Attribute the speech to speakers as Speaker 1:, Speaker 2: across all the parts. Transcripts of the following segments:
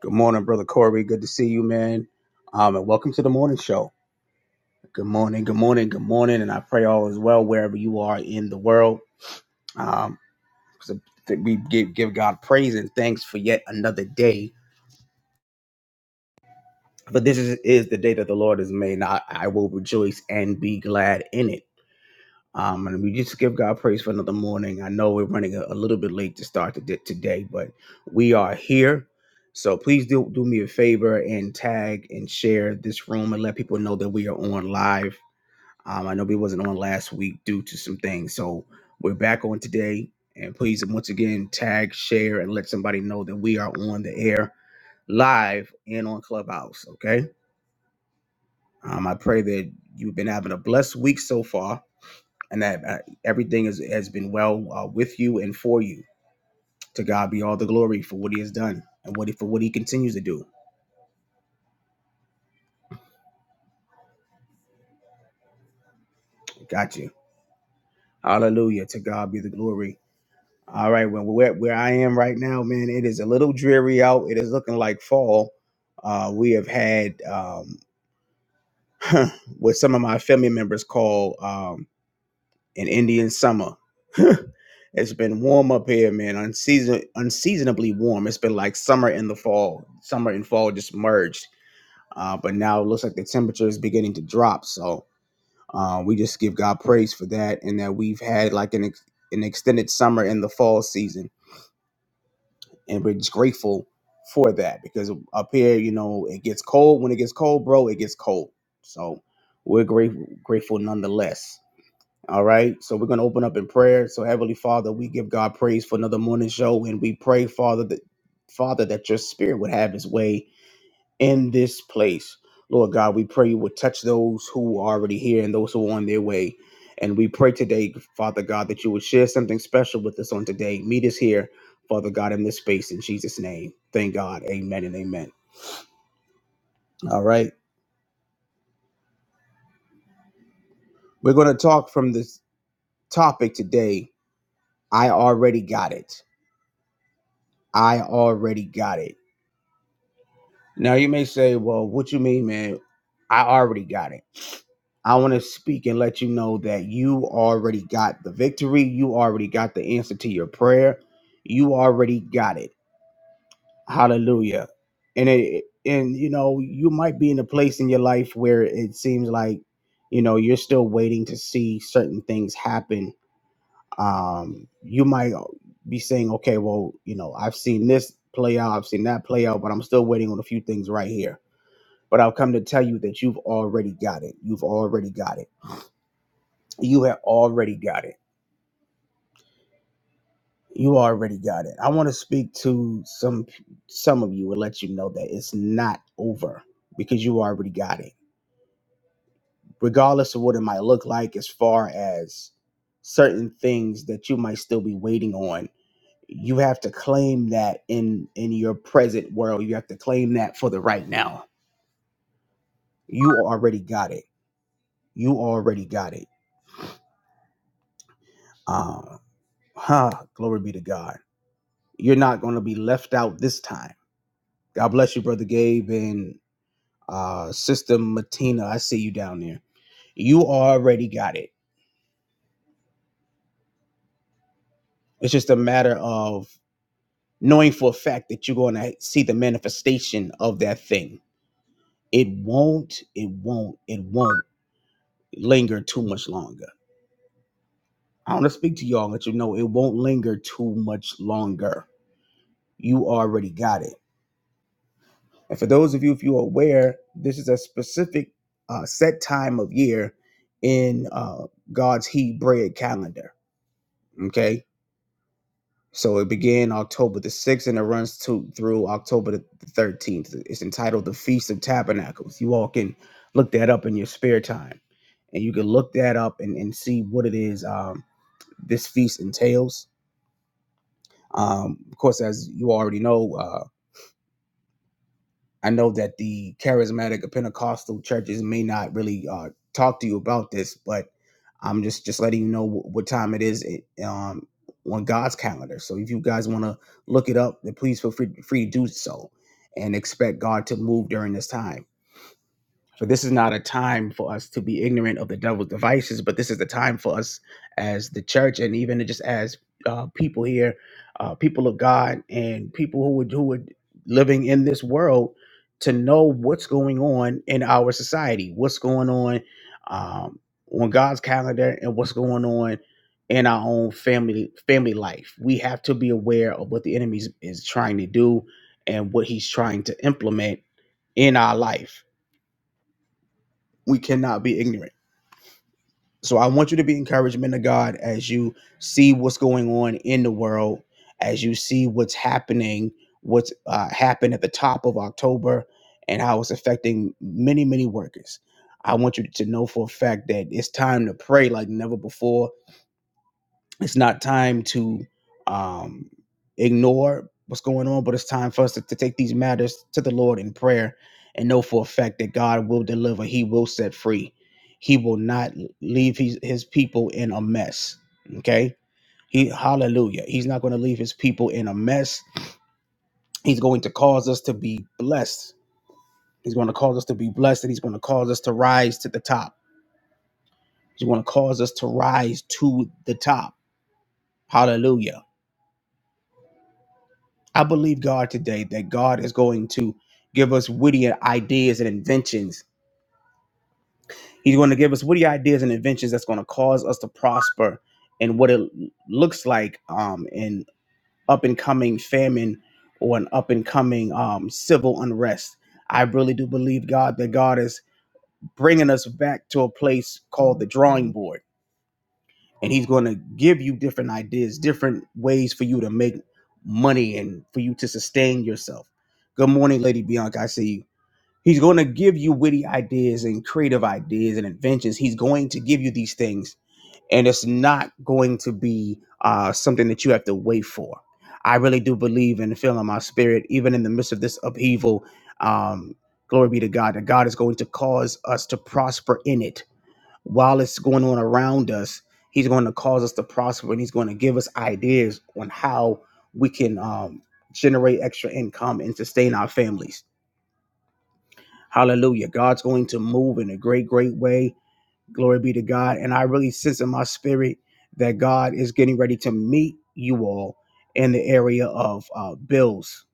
Speaker 1: Good morning, brother Corey. Good to see you, man. Um, and welcome to the morning show. Good morning, good morning, good morning, and I pray all is well wherever you are in the world. Um, so that we give, give God praise and thanks for yet another day. But this is, is the day that the Lord has made. and I, I will rejoice and be glad in it. Um, and we just give God praise for another morning. I know we're running a, a little bit late to start the, di- today, but we are here. So please do, do me a favor and tag and share this room and let people know that we are on live. Um, I know we wasn't on last week due to some things. So we're back on today. And please, once again, tag, share, and let somebody know that we are on the air live and on Clubhouse. Okay. Um, I pray that you've been having a blessed week so far and that uh, everything is, has been well uh, with you and for you. To God be all the glory for what He has done and what he, for what He continues to do. Got you. Hallelujah. To God be the glory. All right, well, where where I am right now, man, it is a little dreary out. It is looking like fall. Uh, we have had um, what some of my family members call um, an Indian summer. It's been warm up here, man. Unseason unseasonably warm. It's been like summer in the fall. Summer and fall just merged Uh, but now it looks like the temperature is beginning to drop. So uh, we just give God praise for that and that we've had like an, ex- an extended summer in the fall season. And we're just grateful for that because up here, you know, it gets cold. When it gets cold, bro, it gets cold. So we're grateful, grateful nonetheless. All right. So we're going to open up in prayer. So, Heavenly Father, we give God praise for another morning show and we pray, Father, that. Father, that your spirit would have his way in this place. Lord God, we pray you would touch those who are already here and those who are on their way. And we pray today, Father God, that you would share something special with us on today. Meet us here, Father God, in this space in Jesus' name. Thank God. Amen and amen. All right. We're going to talk from this topic today. I already got it. I already got it. Now you may say, well, what you mean, man? I already got it. I want to speak and let you know that you already got the victory. You already got the answer to your prayer. You already got it. Hallelujah. And it and you know, you might be in a place in your life where it seems like, you know, you're still waiting to see certain things happen. Um, you might be saying, okay, well, you know, I've seen this play out, I've seen that play out, but I'm still waiting on a few things right here. But I've come to tell you that you've already got it. You've already got it you have already got it. You already got it. I want to speak to some some of you and let you know that it's not over because you already got it. Regardless of what it might look like as far as certain things that you might still be waiting on, you have to claim that in in your present world. You have to claim that for the right now. You already got it. You already got it. Um, huh, glory be to God. You're not going to be left out this time God bless you, brother Gabe and uh, sister Matina. I see you down there. You already got it. It's just a matter of knowing for a fact that you're going to see the manifestation of that thing. It won't. It won't. It won't linger too much longer. I want to speak to y'all and let you know it won't linger too much longer. You already got it. And for those of you, if you're aware, this is a specific uh, set time of year in uh, God's Hebrew calendar Okay. So it began October the 6th and it runs to, through October the 13th. It's entitled The Feast of Tabernacles. You all can look that up in your spare time and you can look that up and, and see what it is um, this feast entails. Um, of course, as you already know, uh, I know that the charismatic or Pentecostal churches may not really uh, talk to you about this, but I'm just just letting you know wh- what time it is it, um, on God's calendar. So if you guys want to look it up, then please feel free, free to do so, and expect God to move during this time. So this is not a time for us to be ignorant of the devil's devices, but this is the time for us as the church and even just as uh, people here, uh, people of God, and people who would who would living in this world to know what's going on in our society, what's going on um, on God's calendar, and what's going on in our own family family life. We have to be aware of what the enemy is is trying to do and what he's trying to implement in our life we cannot be ignorant. So I want you to be encouraged, men of God, as you see what's going on in the world, as you see what's happening, what's uh, happened at the top of October, and how it's affecting many, many workers. I want you to know for a fact that it's time to pray like never before it's not time to um, ignore what's going on, but it's time for us to, to take these matters to the Lord in prayer and know for a fact that God will deliver. He will set free. He will not leave his, his people in a mess. Okay. He, hallelujah. He's not going to leave his people in a mess. He's going to cause us to be blessed. He's going to cause us to be blessed and he's going to cause us to rise to the top. He's going to cause us to rise to the top. Hallelujah I believe God today that God is going to give us witty ideas and inventions. He's going to give us witty ideas and inventions that's going to cause us to prosper in what it looks like um, in up and coming famine or an up and coming um, civil unrest. I really do believe God that God is bringing us back to a place called the drawing board and he's going to give you different ideas, different ways for you to make money and for you to sustain yourself. Good morning, Lady Bianca. I see you. He's going to give you witty ideas and creative ideas and inventions. He's going to give you these things, and it's not going to be uh, something that you have to wait for. I really do believe and feel in my spirit, even in the midst of this upheaval. Um, glory be to God that God is going to cause us to prosper in it while it's going on around us, he's going to cause us to prosper and he's going to give us ideas on how we can um, generate extra income and sustain our families. Hallelujah. God's going to move in a great, great way. Glory be to God. And I really sense in my spirit that God is getting ready to meet you all in the area of uh, bills,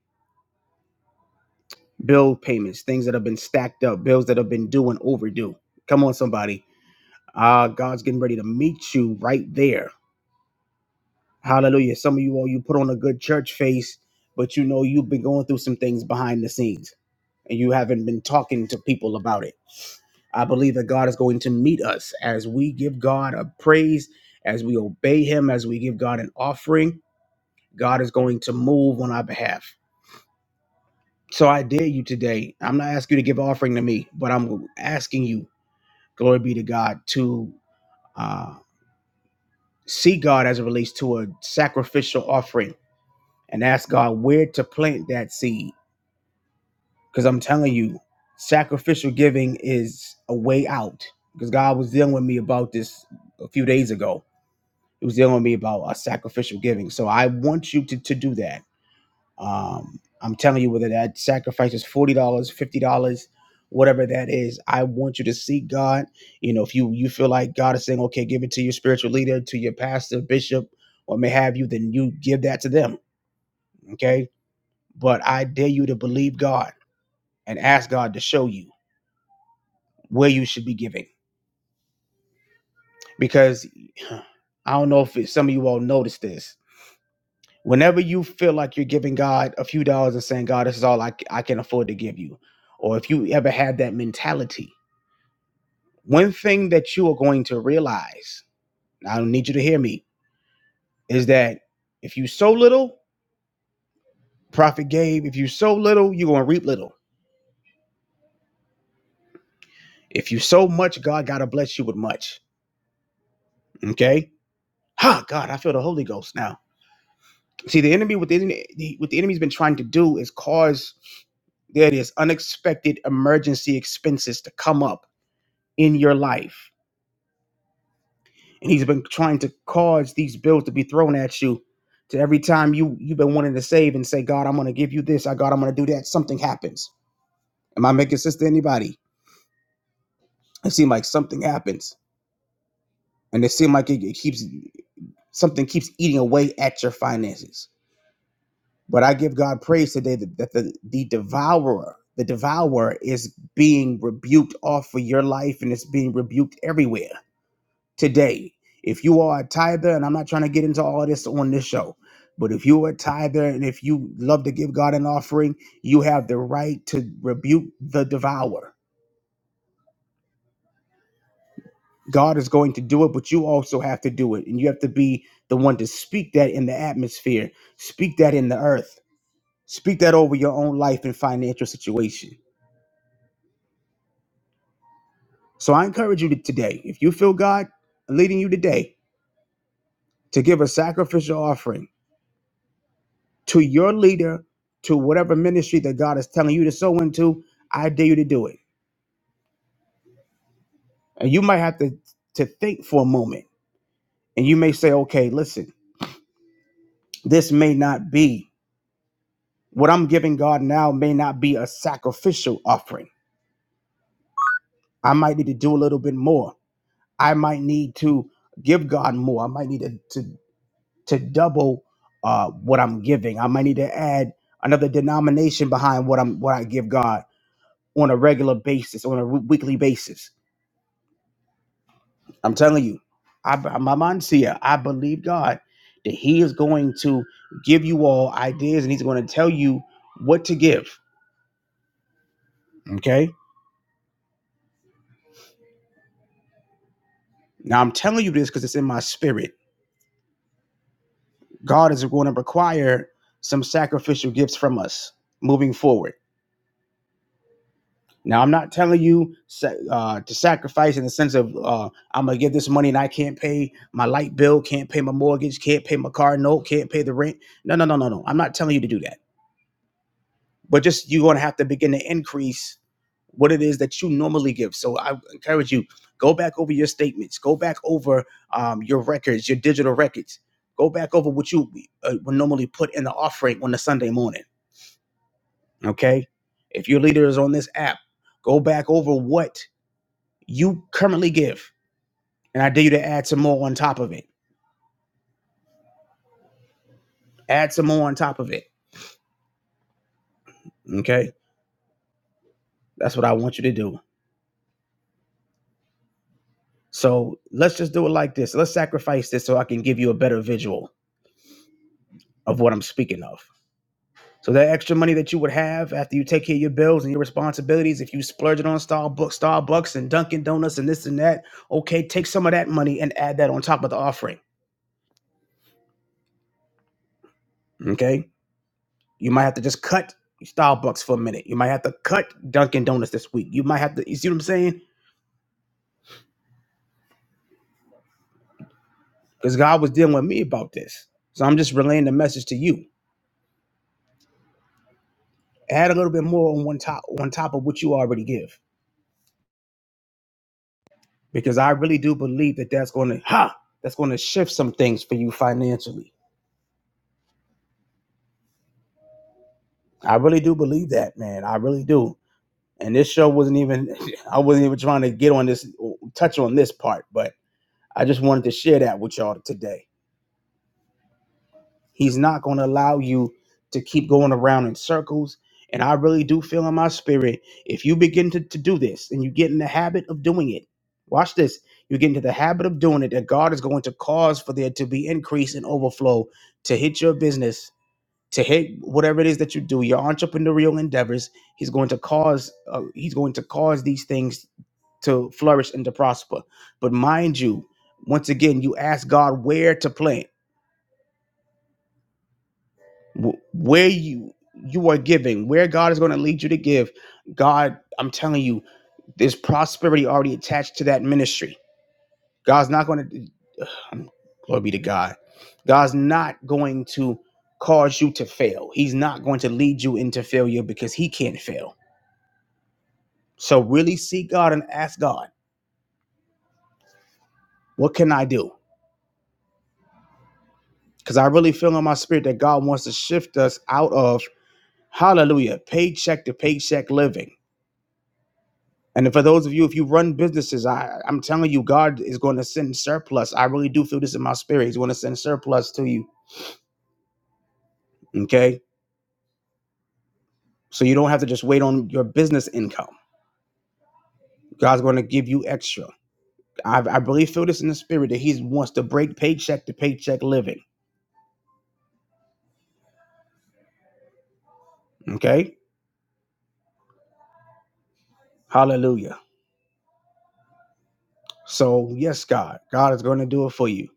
Speaker 1: bill payments, things that have been stacked up, bills that have been due and overdue. Come on, somebody. Uh, God's getting ready to meet you right there Hallelujah. Some of you all, you put on a good church face, but you know you've been going through some things behind the scenes and you haven't been talking to people about it. I believe that God is going to meet us as we give God a praise, as we obey Him, as we give God an offering. God is going to move on our behalf. So I dare you today. I'm not asking you to give offering to me, but I'm asking you, glory be to God, to uh, see God as it relates to a sacrificial offering and ask God where to plant that seed Because I'm telling you, sacrificial giving is a way out. Because God was dealing with me about this a few days ago. He was dealing with me about uh, sacrificial giving. So I want you to, to do that. Um, I'm telling you, whether that sacrifice is $40, dollars, $50, whatever that is, I want you to seek God. You know, if you you feel like God is saying, okay, give it to your spiritual leader, to your pastor, bishop, or may have you, then you give that to them. Okay. But I dare you to believe God and ask God to show you. where you should be giving because I don't know if some of you all noticed this. Whenever you feel like you're giving God a few dollars and saying, God, this is all I I can afford to give you, or if you ever had that mentality, one thing that you are going to realize, I don't need you to hear me, is that if you sow little, prophet gave. If you sow little, you're going to reap little. If you sow much, God got to bless you with much. Okay? Ha, God, I feel the Holy Ghost now. See, the enemy what the enemy what the enemy's been trying to do is cause there it is unexpected emergency expenses to come up in your life, and he's been trying to cause these bills to be thrown at you. To every time you you've been wanting to save and say, God, I'm going to give you this. I God, I'm going to do that. Something happens. Am I making sense to anybody? It seems like something happens, and it seems like it, it keeps something keeps eating away at your finances But I give God praise today that, that the, the devourer, the devourer is being rebuked off of your life and it's being rebuked everywhere today. If you are a tither, and I'm not trying to get into all this on this show, but if you are a tither and if you love to give God an offering, you have the right to rebuke the devourer. God is going to do it, but you also have to do it. And you have to be the one to speak that in the atmosphere, speak that in the earth, speak that over your own life and financial situation So I encourage you to, today, if you feel God leading you today, to give a sacrificial offering to your leader, to whatever ministry that God is telling you to sow into, I dare you to do it. And you might have to, to think for a moment and you may say, okay, listen, this may not be what I'm giving God now, may not be a sacrificial offering. I might need to do a little bit more. I might need to give God more. I might need to, to to double uh, what I'm giving. I might need to add another denomination behind what I'm what I give God on a regular basis, on a w- weekly basis. I'm telling you, I, my mind's here. I believe God that He is going to give you all ideas, and He's going to tell you what to give. Okay. Now I'm telling you this because it's in my spirit. God is going to require some sacrificial gifts from us moving forward Now, I'm not telling you uh, to sacrifice in the sense of uh, I'm gonna give this money and I can't pay my light bill, can't pay my mortgage, can't pay my car note, can't pay the rent. No, no, no, no, no. I'm not telling you to do that. But just you're gonna have to begin to increase what it is that you normally give. So I encourage you go back over your statements, go back over um, your records, your digital records, go back over what you uh, would normally put in the offering on a Sunday morning. Okay, if your leader is on this app, go back over what you currently give. And I dare you to add some more on top of it. Add some more on top of it. Okay. That's what I want you to do. So let's just do it like this. Let's sacrifice this so I can give you a better visual of what I'm speaking of. So that extra money that you would have after you take care of your bills and your responsibilities, if you splurge it on Starbucks, Starbucks and Dunkin' Donuts and this and that, okay, take some of that money and add that on top of the offering. Okay. You might have to just cut Starbucks for a minute. You might have to cut Dunkin' Donuts this week. You might have to, you see what I'm saying? because God was dealing with me about this. So I'm just relaying the message to you. Add a little bit more on one top on top of what you already give, because I really do believe that that's going to ha that's going to shift some things for you financially. I really do believe that, man. I really do. And this show wasn't even I wasn't even trying to get on this touch on this part, but I just wanted to share that with y'all today He's not going to allow you to keep going around in circles. And I really do feel in my spirit if you begin to, to do this and you get in the habit of doing it, watch this. You get into the habit of doing it, that God is going to cause for there to be increase and overflow to hit your business, to hit whatever it is that you do, your entrepreneurial endeavors. He's going to cause uh, he's going to cause these things to flourish and to prosper. But mind you, once again, you ask God where to plant Wh- where you you are giving where god is going to lead you to give god i'm telling you there's prosperity already attached to that ministry god's not going to glory be to god god's not going to cause you to fail he's not going to lead you into failure because he can't fail so really seek god and ask god what can i do because i really feel in my spirit that god wants to shift us out of hallelujah paycheck to paycheck living And for those of you, if you run businesses, I, I'm telling you, God is going to send surplus. I really do feel this in my spirit. He's going to send surplus to you. Okay. So you don't have to just wait on your business income. God's going to give you extra. I, I really feel this in the spirit that He wants to break paycheck to paycheck living. Okay. Hallelujah. So, yes, God, God is going to do it for you.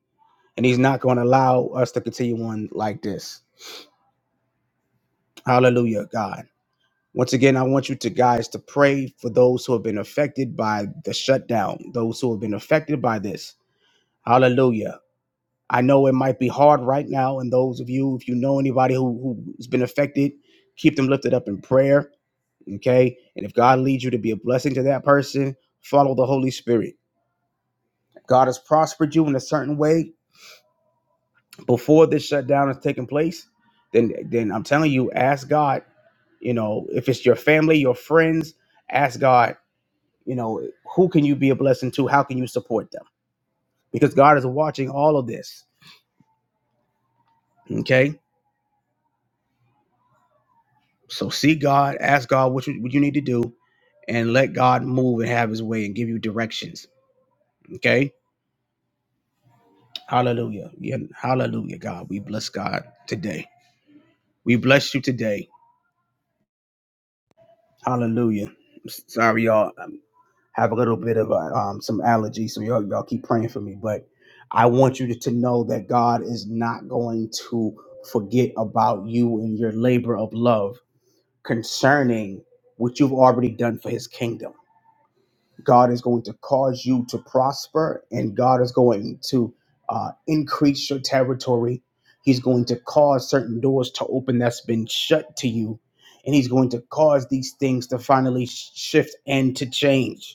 Speaker 1: And He's not going to allow us to continue on like this. Hallelujah, God. Once again, I want you to guys to pray for those who have been affected by the shutdown, those who have been affected by this. Hallelujah. I know it might be hard right now, and those of you, if you know anybody who, who's been affected, keep them lifted up in prayer. Okay. And if God leads you to be a blessing to that person, follow the Holy Spirit. If God has prospered you in a certain way before this shutdown has taken place, then then I'm telling you, ask God, you know, if it's your family, your friends, ask God You know, who can you be a blessing to? How can you support them? Because God is watching all of this. Okay. So see God, ask God what you, what you need to do, and let God move and have his way and give you directions. Okay. Hallelujah. Yeah, hallelujah, God. We bless God today. We bless you today. Hallelujah. Sorry, y'all. have a little bit of uh um, some allergies, so y'all, y'all keep praying for me. But I want you to, to know that God is not going to forget about you and your labor of love concerning what you've already done for His kingdom. God is going to cause you to prosper, and God is going to uh, increase your territory. He's going to cause certain doors to open that's been shut to you, and He's going to cause these things to finally sh- shift and to change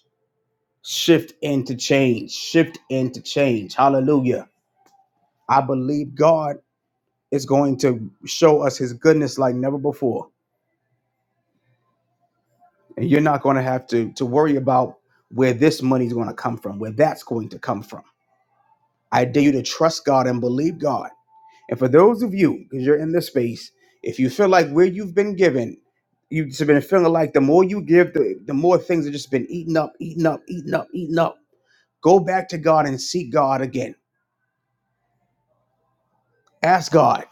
Speaker 1: shift into change, shift into change. Hallelujah. I believe God is going to show us his goodness like never before. And you're not going to have to, to worry about where this money is going to come from, where that's going to come from. I dare you to trust God and believe God. And for those of you, because you're in this space, if you feel like where you've been given, you've just been feeling like the more you give, the, the more things have just been eaten up, eaten up, eaten up, eaten up. Go back to God and seek God again. Ask God.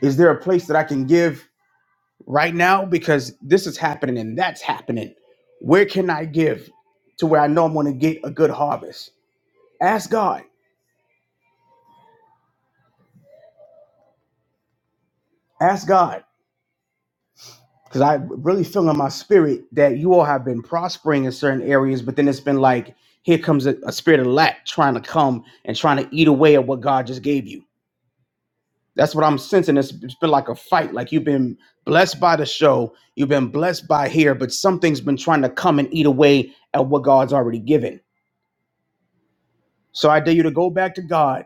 Speaker 1: Is there a place that I can give right now? Because this is happening and that's happening. Where can I give to where I know I'm going to get a good harvest? Ask God. Ask God. Because I really feel in my spirit that you all have been prospering in certain areas, but then it's been like, here comes a, a spirit of lack trying to come and trying to eat away at what God just gave you. That's what I'm sensing. It's, it's been like a fight. Like you've been blessed by the show, you've been blessed by here, but something's been trying to come and eat away at what God's already given. So I dare you to go back to God,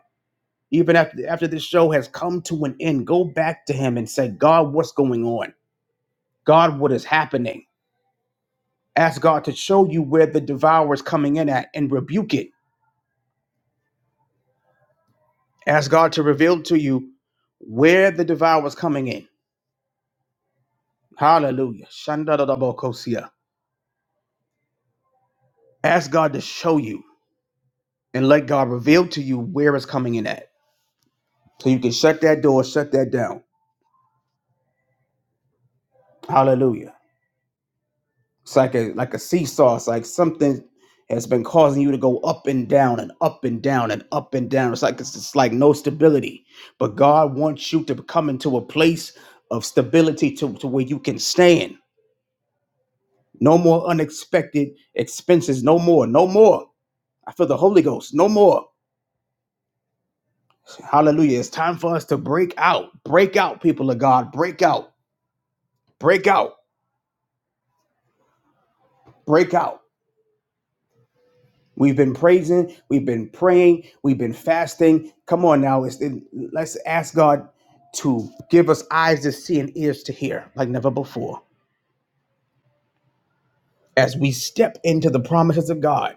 Speaker 1: even after after this show has come to an end. Go back to Him and say, God, what's going on? God, what is happening? Ask God to show you where the devourer is coming in at and rebuke it. Ask God to reveal to you where the devourer is coming in. Hallelujah. Shandadadabokosia. Ask God to show you and let God reveal to you where it's coming in at. So you can shut that door, shut that down. Hallelujah. It's like a like a seesaw. It's like something has been causing you to go up and down and up and down and up and down. It's like it's just like no stability. But God wants you to come into a place of stability to, to where you can stand. No more unexpected expenses. No more. No more. I feel the Holy Ghost. No more. Hallelujah. It's time for us to break out. Break out, people of God. Break out. Break out. Break out. We've been praising, we've been praying, we've been fasting. Come on now, it's, it, let's ask God to give us eyes to see and ears to hear like never before as we step into the promises of God.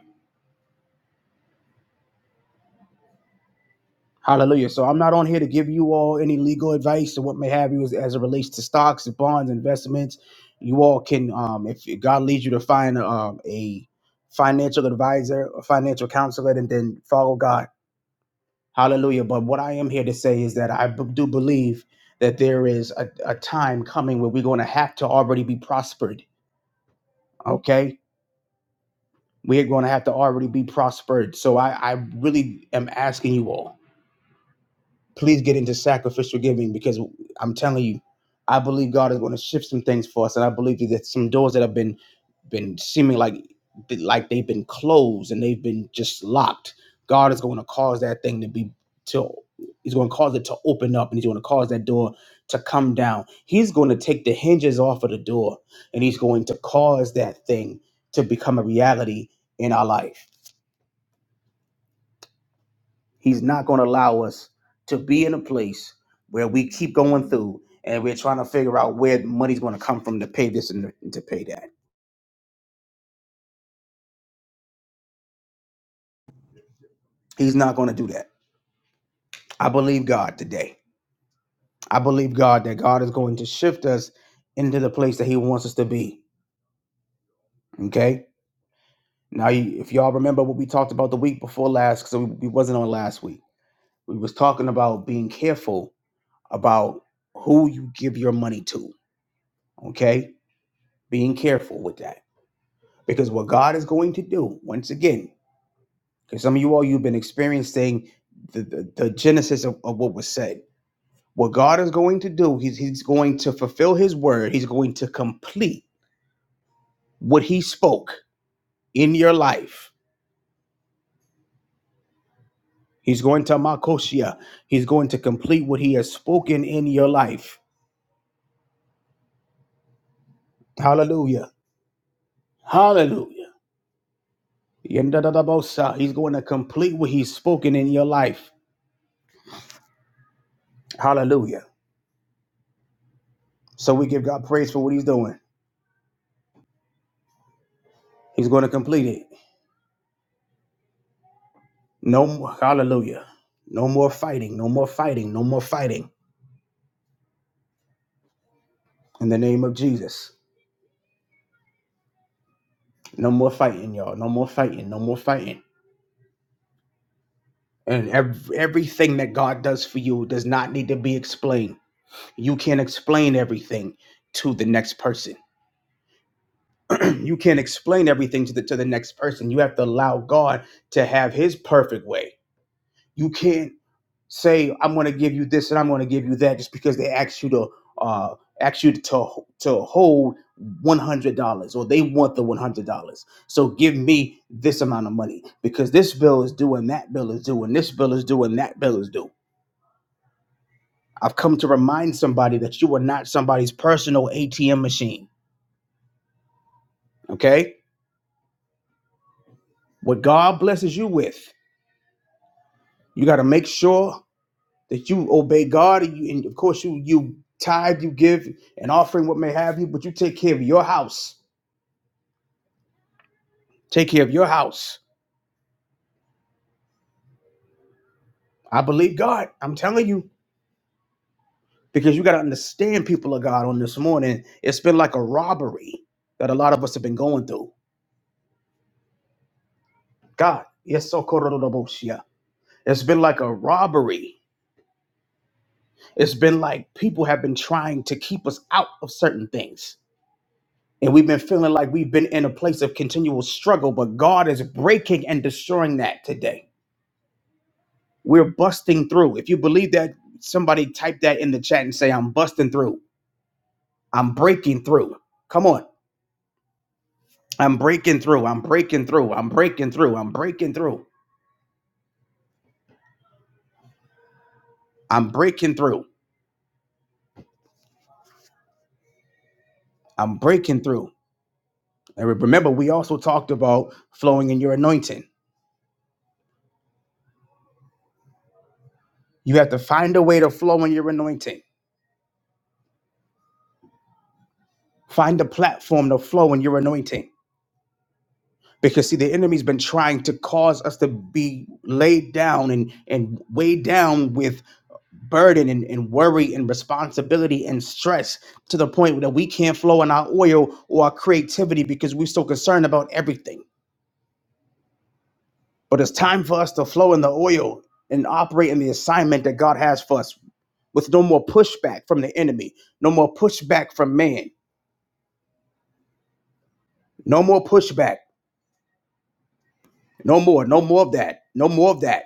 Speaker 1: Hallelujah. So I'm not on here to give you all any legal advice or what may have you as, as it relates to stocks and bonds, investments. You all can, um, if God leads you to find um, a financial advisor, a financial counselor, and then then follow God Hallelujah. But what I am here to say is that I b- do believe that there is a, a time coming where we're going to have to already be prospered. Okay. We are going to have to already be prospered. So I, I really am asking you all please get into sacrificial giving because I'm telling you, I believe God is going to shift some things for us, and I believe that some doors that have been been seeming like like they've been closed and they've been just locked. God is going to cause that thing to be to He's going to cause it to open up, and He's going to cause that door to come down. He's going to take the hinges off of the door, and He's going to cause that thing to become a reality in our life. He's not going to allow us to be in a place where we keep going through and we're trying to figure out where money's going to come from to pay this and to pay that. He's not going to do that. I believe God today. I believe God that God is going to shift us into the place that He wants us to be. Okay. Now, you- if y'all remember what we talked about the week before last, because we wasn't on last week, we was talking about being careful about who you give your money to. Okay, being careful with that Because what God is going to do, once again, because some of you all you've been experiencing the, the, the genesis of, of what was said. What God is going to do, he's, he's going to fulfill his word. He's going to complete what he spoke in your life. He's going to Makoshia. He's going to complete what he has spoken in your life. Hallelujah. Hallelujah. Yendadadabosa. He's going to complete what he's spoken in your life. Hallelujah. So we give God praise for what he's doing. He's going to complete it. No, more- hallelujah. No more fighting. No more fighting. No more fighting. In the name of Jesus. No more fighting, y'all. No more fighting. No more fighting. And ev- everything that God does for you does not need to be explained. You can't explain everything to the next person. you can't explain everything to the to the next person. You have to allow God to have His perfect way. You can't. say I'm going to give you this and I'm going to give you that just because they ask you to uh, ask you to to hold one hundred dollars or they want the one hundred dollars. So give me this amount of money because this bill is due and that bill is due and this bill is due and that bill is due. I've come to remind somebody that you are not somebody's personal ATM machine. Okay, what God blesses you with, you got to make sure that you obey God and you and of course you you tithe, you give an offering, what may have you, but you take care of your house. Take care of your house. I believe God. I'm telling you. Because you gotta understand people of God on this morning. It's been like a robbery that a lot of us have been going through. God, yes, so kororoboshia. it's been like a robbery. It's been like people have been trying to keep us out of certain things. And we've been feeling like we've been in a place of continual struggle, but God is breaking and destroying that today. We're busting through. If you believe that, somebody type that in the chat and say, I'm busting through. I'm breaking through. Come on. I'm breaking through. I'm breaking through. I'm breaking through. I'm breaking through. I'm breaking through. I'm breaking through. And remember, we also talked about flowing in your anointing. You have to find a way to flow in your anointing. Find a platform to flow in your anointing. Because see, the enemy's been trying to cause us to be laid down and, and weighed down with burden and, and worry and responsibility and stress to the point that we can't flow in our oil or our creativity because we're so concerned about everything. But it's time for us to flow in the oil and operate in the assignment that God has for us with no more pushback from the enemy, no more pushback from man, no more pushback, no more, no more of that, no more of that.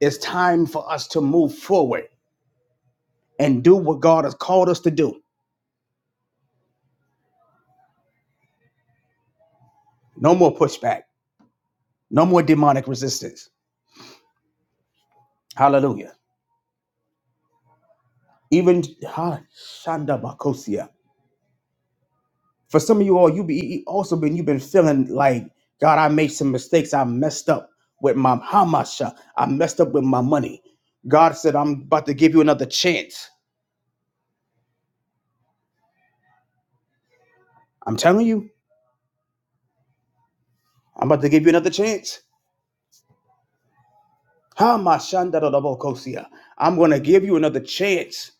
Speaker 1: It's time for us to move forward and do what God has called us to do. No more pushback, no more demonic resistance. Hallelujah. Even ah, Shanda Bakosia. For some of you all, you be you also been you've been feeling like God, I made some mistakes. I messed up with my hamasha. I messed up with my money. God said, I'm about to give you another chance. I'm telling you, I'm about to give you another chance. Hamashanda Bakosia. I'm gonna give you another chance.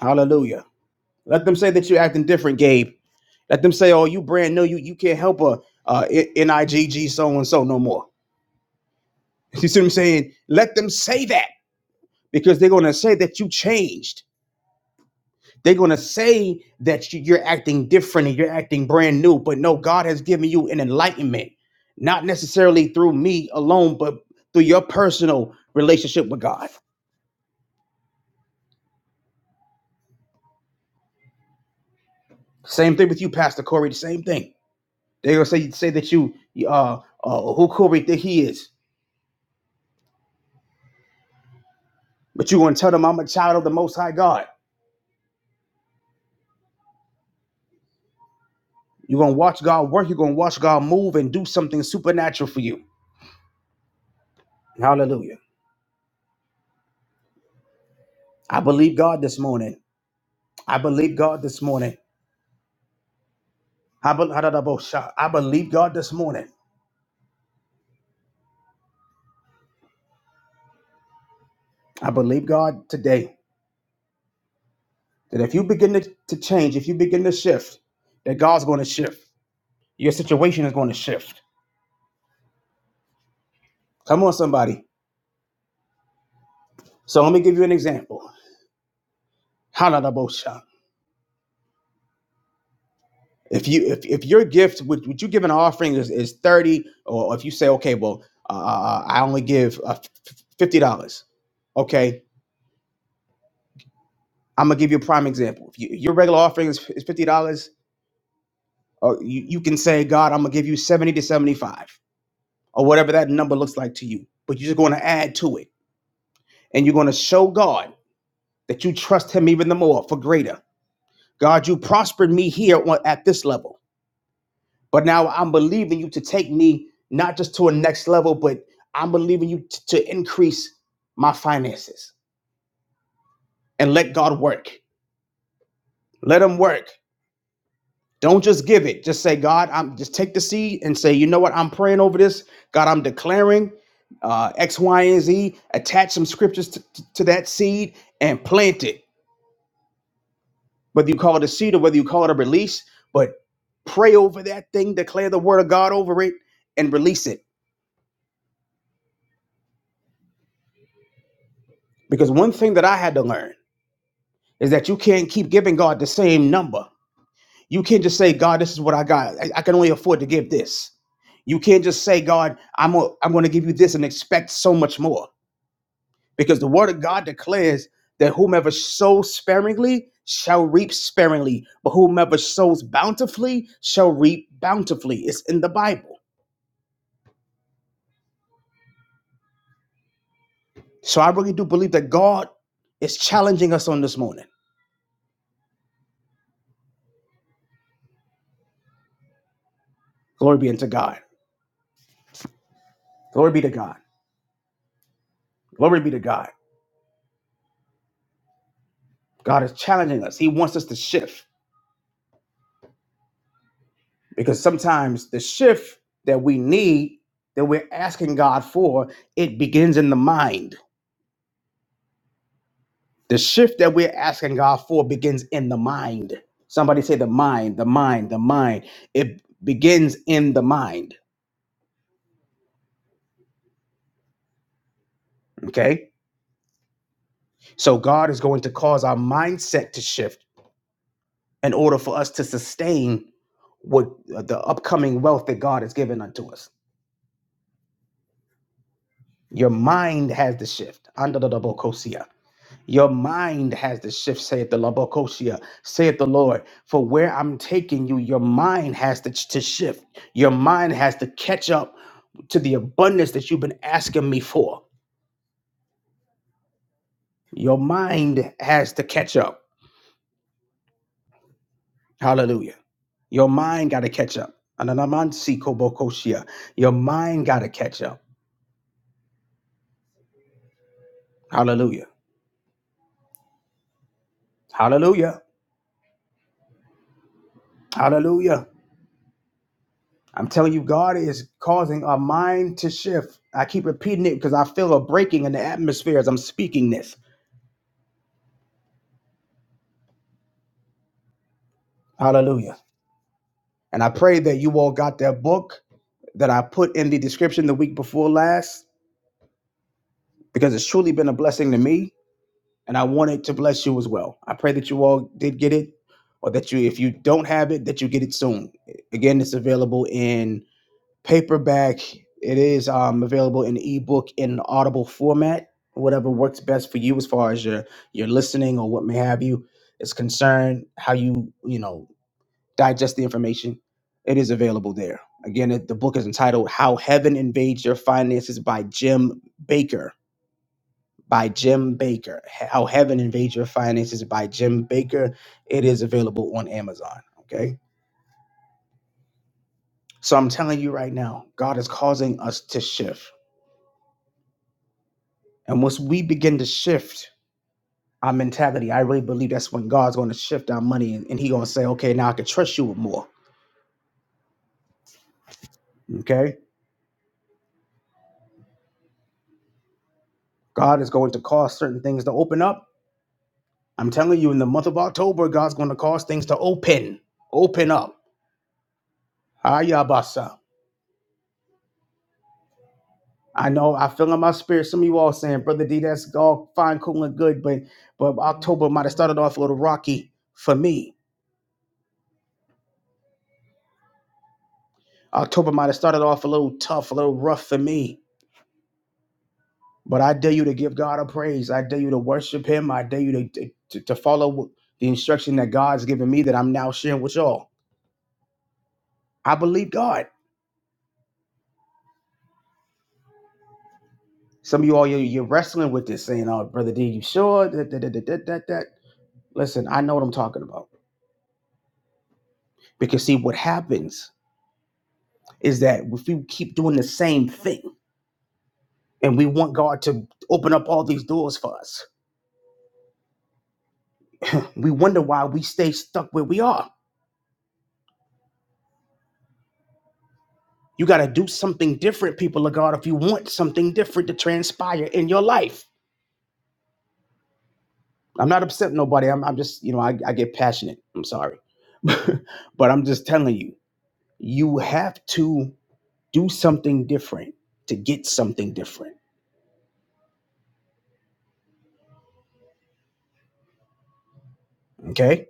Speaker 1: Hallelujah. Let them say that you're acting different, Gabe. Let them say, "Oh, you brand new. You you can't help a uh, I- N I G G so and so no more." You see what I'm saying? Let them say that because they're going to say that you changed. They're going to say that you- you're acting different and you're acting brand new. But no, God has given you an enlightenment, not necessarily through me alone, but through your personal relationship with God. Same thing with you, Pastor Corey. The same thing. They're going to say, say that you, uh, uh, who Corey think he is. But you're going to tell them, I'm a child of the Most High God. You're going to watch God work. You're going to watch God move and do something supernatural for you. Hallelujah. I believe God this morning. I believe God this morning. I, be- I believe God this morning. I believe God today that if you begin to, to change, if you begin to shift, that God's going to shift. Your situation is going to shift. Come on, somebody. So let me give you an example. Halalabosha. If you if, if your gift would would you give an offering is, is thirty, or if you say okay, well uh, uh, uh, I only give uh, fifty dollars. Okay, I'm gonna give you a prime example. If you, your regular offering is, is fifty dollars, Uh, you, you can say, God, I'm going to give you 70 to 75 or whatever that number looks like to you. But you're just going to add to it. And you're going to show God that you trust him even the more for greater. God, you prospered me here at this level. But now I'm believing you to take me not just to a next level, but I'm believing you t- to increase my finances and let God work. Let him work. Don't just give it. Just say, God, I'm just take the seed and say, you know what? I'm praying over this. God, I'm declaring uh, X, Y, and Z. Attach some scriptures to, to to that seed and plant it. Whether you call it a seed or whether you call it a release, but pray over that thing, declare the word of God over it, and release it. Because one thing that I had to learn is that you can't keep giving God the same number. You can't just say, God, this is what I got. I I can only afford to give this. You can't just say, God, I'm, i I'm going to give you this and expect so much more because the word of God declares that whomever sows sparingly shall reap sparingly, but whomever sows bountifully shall reap bountifully. It's in the Bible. So I really do believe that God is challenging us on this morning. Glory be unto God. Glory be to God. Glory be to God. God is challenging us. He wants us to shift because sometimes the shift that we need, that we're asking God for, it begins in the mind. The shift that we're asking God for begins in the mind. Somebody say the mind, the mind, the mind. It begins in the mind. Okay. So God is going to cause our mindset to shift in order for us to sustain what uh, the upcoming wealth that God has given unto us. Your mind has the shift. Your mind has to shift, saith the Labokosia, saith the Lord. For where I'm taking you, your mind has to, to shift. Your mind has to catch up to the abundance that you've been asking me for. Your mind has to catch up. Hallelujah. Your mind got to catch up. Ananamansi kobokosia. Your mind got to catch up. Hallelujah. Hallelujah. Hallelujah. I'm telling you, God is causing our mind to shift. I keep repeating it because I feel a breaking in the atmosphere as I'm speaking this. Hallelujah. And I pray that you all got that book that I put in the description the week before last because it's truly been a blessing to me. And I want it to bless you as well. I pray that you all did get it or that you, if you don't have it, that you get it soon. Again, it's available in. paperback. It is um, available in ebook in an audible format, whatever works best for you as far as your your listening or what may have you is concerned. How you you know digest the information, it is available there. Again, it, the book is entitled "How Heaven Invades Your Finances" by Jim Baker. By Jim Baker. How Heaven Invades Your Finances by Jim Baker. It is available on Amazon. Okay. So I'm telling you right now, God is causing us to shift. And once we begin to shift our mentality, I really believe that's when God's going to shift our money and, and He's going to say, okay, now I can trust you with more. Okay. God is going to cause certain things to open up. I'm telling you, in the month of October, God's going to cause things to open, open up. Ayabasa. I know I feel in my spirit some of you all saying, Brother D, that's all fine, cool, and good, but but October might have started off a little rocky for me. October might have started off a little tough, a little rough for me. But I dare you to give God a praise. I dare you to worship Him. I dare you to, to, to follow the instruction that God's given me that I'm now sharing with y'all. I believe God. Some of you all, you're, you're wrestling with this, saying, Oh, Brother D, you sure? That, that, that, that, that, that. that." Listen, I know what I'm talking about. Because, see, what happens is that if we keep doing the same thing and we want God to open up all these doors for us, we wonder why we stay stuck where we are. You got to do something different, people of God, if you want something different to transpire in your life. I'm not upset with nobody. I'm, I'm just, you know, I, I get passionate. I'm sorry. but I'm just telling you, you have to do something different to get something different. Okay.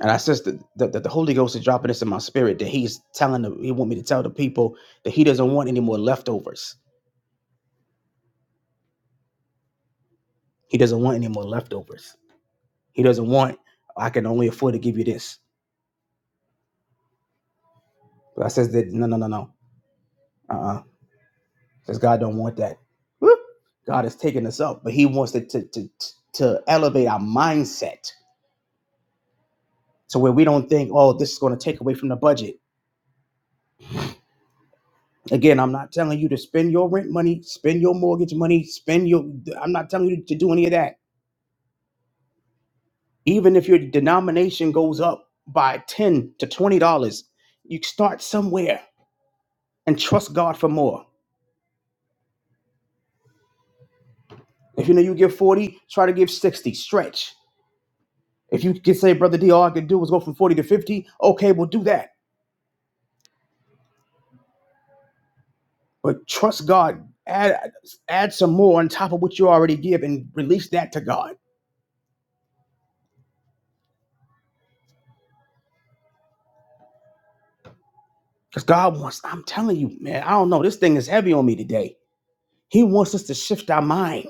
Speaker 1: And I sense that, that, that the Holy Ghost is dropping this in my spirit that he's telling the, he want me to tell the people that he doesn't want any more leftovers. He doesn't want any more leftovers. He doesn't want, I can only afford to give you this. But I says that, no, no, no, no. Uh. because God don't want that. Woo! God is taking us up, but He wants to to to, to elevate our mindset to where we don't think, oh, this is going to take away from the budget. Again, I'm not telling you to spend your rent money, spend your mortgage money, spend your. I'm not telling you to do any of that. Even if your denomination goes up by ten to twenty dollars, you start somewhere and trust God for more. If you know you give forty, try to give sixty. Stretch. If you can say, brother D, all I can do is go from forty to fifty. Okay, we'll do that but trust God. Add add some more on top of what you already give and release that to God. Because God wants, I'm telling you, man, I don't know. This thing is heavy on me today. He wants us to shift our mind.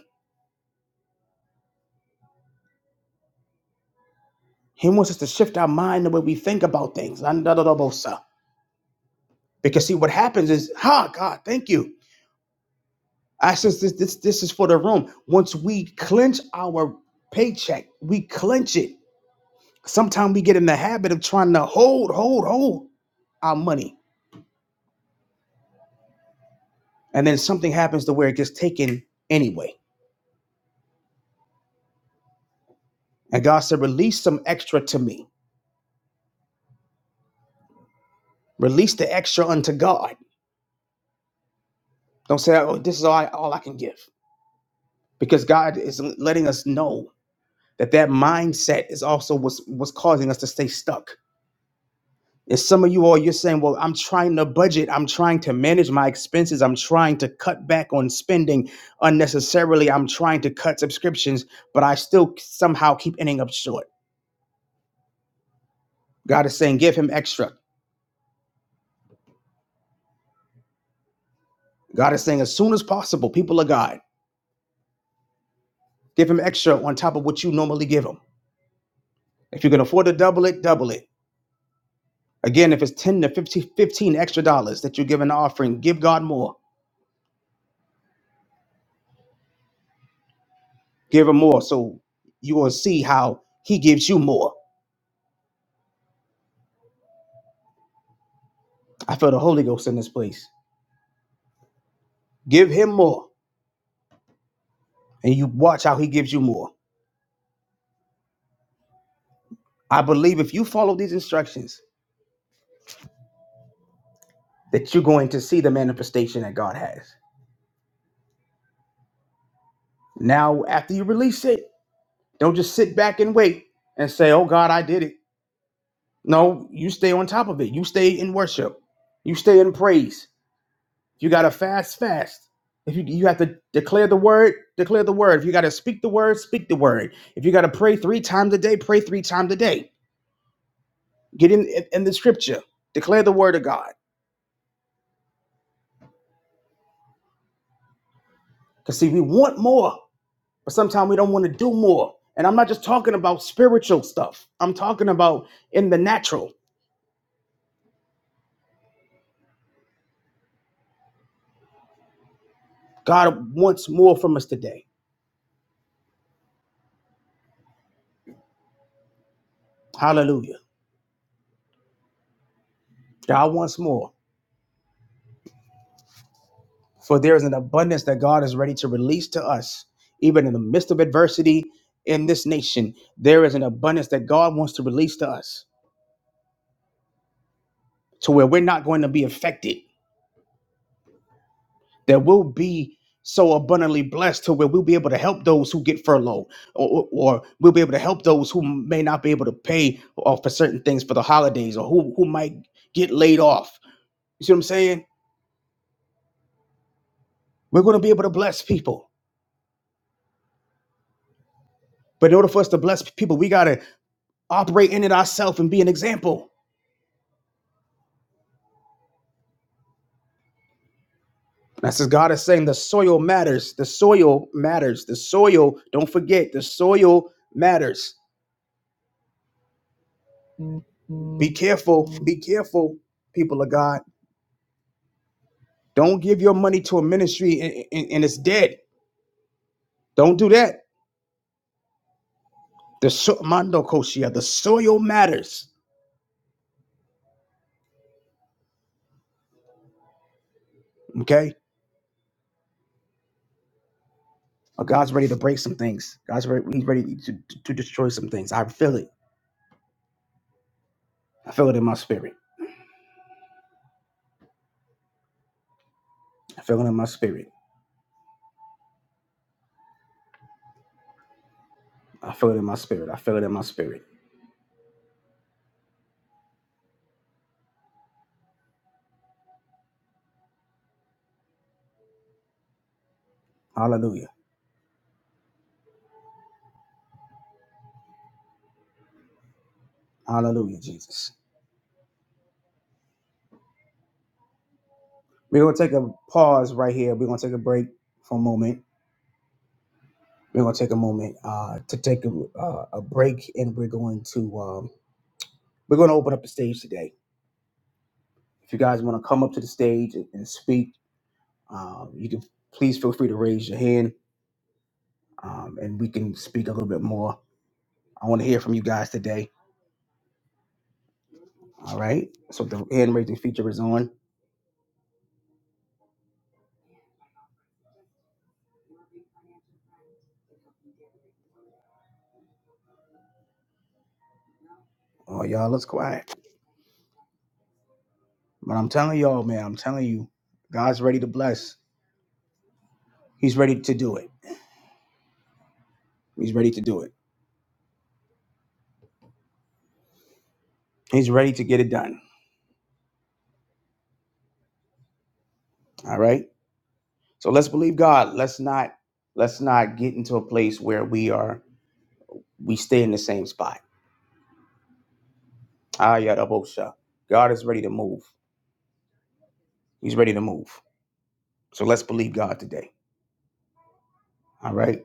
Speaker 1: He wants us to shift our mind the way we think about things. Because see what happens is, ha, oh, God, thank you. I says this this this is for the room. Once we clench our paycheck, we clench it. Sometimes we get in the habit of trying to hold, hold, hold our money and then something happens to where it gets taken anyway. And God said, "Release some extra to me. Release the extra unto God. Don't say, oh, this is all I, all I can give,' because God is letting us know that that mindset is also what's what's causing us to stay stuck. And some of you all, you're saying, well, I'm trying to budget. I'm trying to manage my expenses. I'm trying to cut back on spending unnecessarily. I'm trying to cut subscriptions, but I still somehow keep ending up short. God is saying, give him extra. God is saying, as soon as possible, people of God, give him extra on top of what you normally give him. If you can afford to double it, double it. Again, if it's 10 to 15, 15 extra dollars that you give an offering, give God more. Give him more so you will see how he gives you more. I feel the Holy Ghost in this place. Give him more and you watch how he gives you more. I believe if you follow these instructions, that you're going to see the manifestation that God has. Now, after you release it, don't just sit back and wait and say, oh God, I did it. No, you stay on top of it. You stay in worship. You stay in praise. If you gotta fast, fast. If you you have to declare the word, declare the word. If you gotta speak the word, speak the word. If you gotta pray three times a day, pray three times a day. Get in in, in the scripture. Declare the word of God. Cause see, we want more, but sometimes we don't want to do more. And I'm not just talking about spiritual stuff. I'm talking about in the natural. God wants more from us today. Hallelujah. God wants more. For there is an abundance that God is ready to release to us, even in the midst of adversity in this nation. There is an abundance that God wants to release to us to where we're not going to be affected, that we'll be so abundantly blessed to where we'll be able to help those who get furloughed, or, or or we'll be able to help those who may not be able to pay uh, for certain things for the holidays, or who, who might get laid off. You see what I'm saying? We're going to be able to bless people. But in order for us to bless people, we got to operate in it ourselves and be an example. That's as God is saying, the soil matters. The soil matters. The soil, don't forget, the soil matters. Be careful. Be careful, people of God. Don't give your money to a ministry and, and- and it's dead. Don't do that. The so- Mando Koshia, the soil matters. Okay? But God's ready to break some things. God's ready, he's ready to, to destroy some things. I feel it. I feel it in my spirit. I feel it in my spirit. I feel it in my spirit. I feel it in my spirit. Hallelujah. Hallelujah, Jesus. We're going to take a pause right here. We're going to take a break for a moment. We're going to take a moment uh, to take a, uh, a break, and we're going to um, we're going to open up the stage today. If you guys want to come up to the stage and and speak, um, you can please feel free to raise your hand, um, and we can speak a little bit more. I want to hear from you guys today. All right. So the hand raising feature is on. Oh, y'all, let's quiet. But I'm telling y'all, man, I'm telling you, God's ready to bless. He's ready to do it. He's ready to do it. He's ready to get it done. All right. So let's believe God. Let's not let's not get into a place where we are we stay in the same spot. Ah Yadabosha. God is ready to move. He's ready to move. So let's believe God today. All right.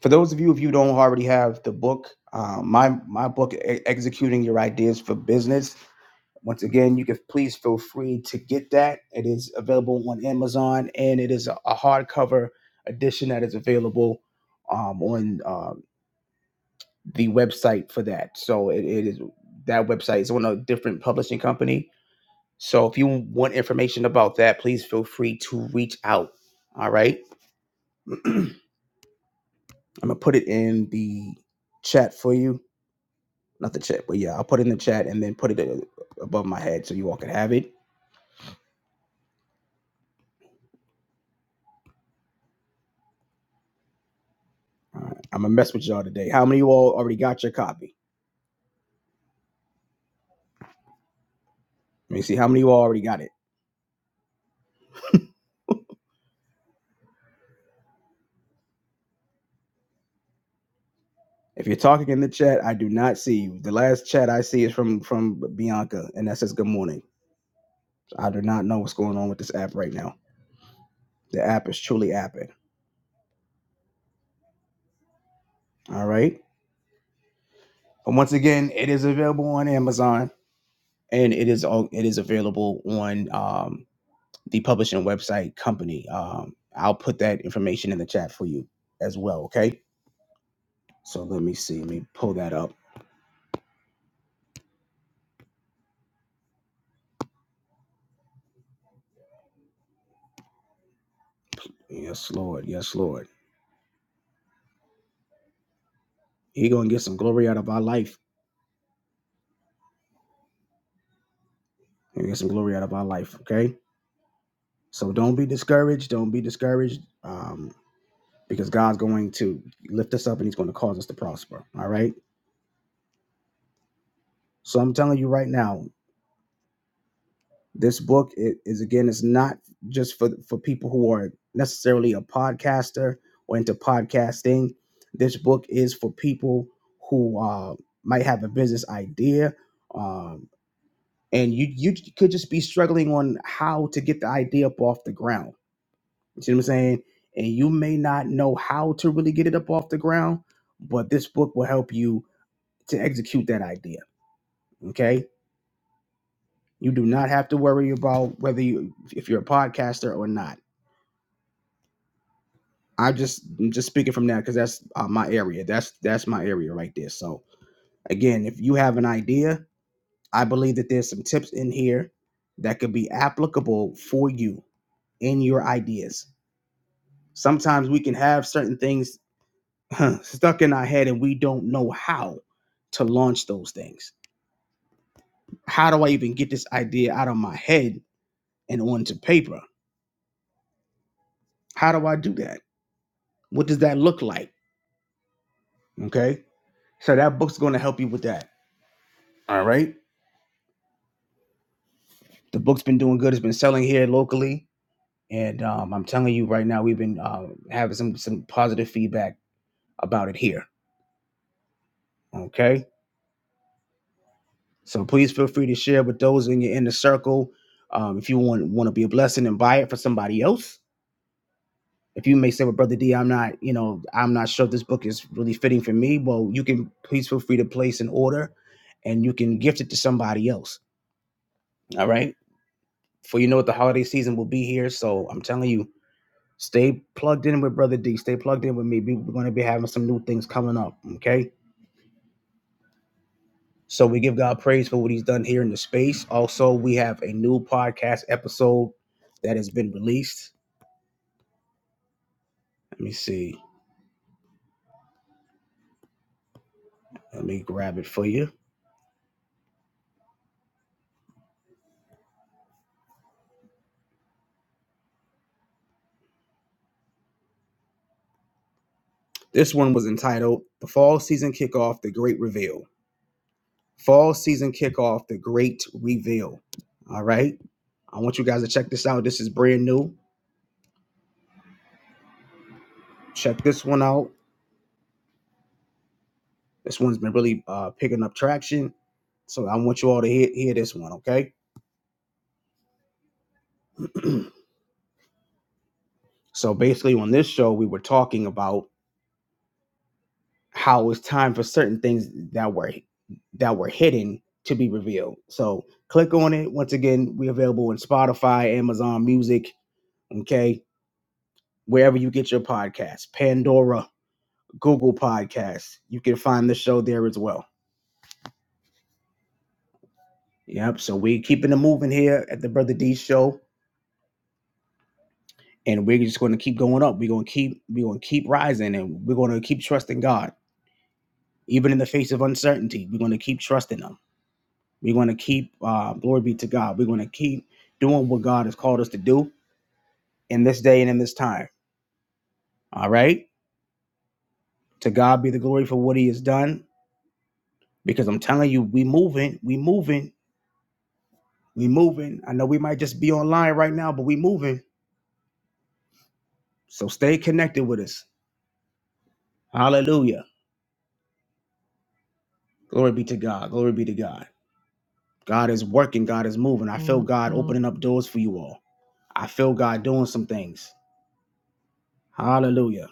Speaker 1: For those of you if you don't already have the book, uh, my my book E- executing your ideas for business. Once again, you can please feel free to get that. It is available on Amazon and it is a, a hardcover edition that is available um, on uh, the website for that. So it, it is that website is on a different publishing company. So if you want information about that, please feel free to reach out. All right. I'm gonna put it in the chat for you. Not the chat, but yeah, I'll put it in the chat and then put it uh, above my head so you all can have it. All right. I'm gonna mess with y'all today. How many of you all already got your copy? Let me see how many of you all already got it. If you're talking in the chat, I do not see you. The last chat I see is from from Bianca, and that says good morning. I do not know what's going on with this app right now. The app is truly apping. All right. And once again, it is available on Amazon and it is all it is available on um, the publishing website company. Um, I'll put that information in the chat for you as well. Okay. So let me see. Let me pull that up. Yes, Lord. Yes, Lord. He gonna get some glory out of our life. He gonna get some glory out of our life. Okay. So don't be discouraged. Don't be discouraged. Um, because God's going to lift us up and He's going to cause us to prosper. All right. So I'm telling you right now, this book is again, it's not just for for people who are necessarily a podcaster or into podcasting. This book is for people who uh, might have a business idea, um, and you you could just be struggling on how to get the idea up off the ground. You see what I'm saying? And you may not know how to really get it up off the ground, but this book will help you to execute that idea. Okay. You do not have to worry about whether you if you're a podcaster or not. I just I'm just speaking from that because that's uh, my area. That's that's my area right there. So again, if you have an idea, I believe that there's some tips in here that could be applicable for you in your ideas. Sometimes we can have certain things huh, stuck in our head and we don't know how to launch those things. How do I even get this idea out of my head and onto paper? How do I do that? What does that look like? Okay. So that book's going to help you with that. All right. The book's been doing good. It's been selling here locally, and um, I'm telling you right now, we've been uh, having some some positive feedback about it here. Okay. So please feel free to share with those in your inner circle. Um, if you want want to be a blessing and buy it for somebody else, if you may say, "Well, brother D, I'm not, you know, I'm not sure this book is really fitting for me." Well, you can please feel free to place an order, and you can gift it to somebody else. All right for you know what the holiday season will be here. So I'm telling you, stay plugged in with Brother D. Stay plugged in with me. We- are going to be having some new things coming up. Okay. So we give God praise for what He's done here in the space. Also, we have a new podcast episode that has been released. Let me see. Let me grab it for you. This one was entitled The Fall Season Kickoff, The Great Reveal. Fall Season Kickoff, The Great Reveal. All right. I want you guys to check this out. This is brand new. Check this one out This one's been really uh, picking up traction. So I want you all to hear, hear this one, okay? so basically, on this show, we were talking about how it's time for certain things that were that were hidden to be revealed. So click on it. Once again, we're available in Spotify, Amazon Music, okay, wherever you get your podcasts, Pandora, Google Podcasts. You can find the show there as well. Yep. So we keeping it moving here at the Brother D Show. and we're just going to keep going up. We're going to keep we're going to keep rising, and we're going to keep trusting God, even in the face of uncertainty. We're going to keep trusting Him. We're going to keep uh, glory be to God. We're going to keep doing what God has called us to do in this day and in this time. All right. To God be the glory for what He has done. Because I'm telling you, we moving, we moving, we moving. I know we might just be online right now, but we moving. So stay connected with us. Hallelujah. Glory be to God. Glory be to God. God is working, God is moving. I feel God Mhm. opening up doors for you all. I feel God doing some things. Hallelujah.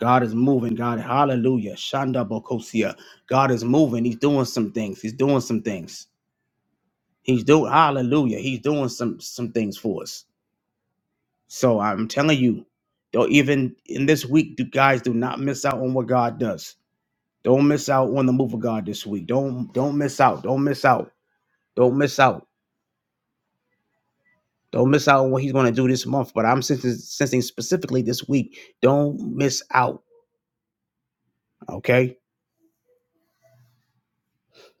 Speaker 1: God is moving. God, hallelujah. Shanda Bokosia. God is moving. He's doing some things. He's doing some things. He's doing hallelujah. He's doing some some things for us. So I'm telling you, don't even in this week, do guys do not miss out on what God does. Don't miss out on the move of God this week. Don't don't miss out. Don't miss out. Don't miss out. Don't miss out on what he's going to do this month, but I'm sensing, sensing specifically this week. Don't miss out, okay?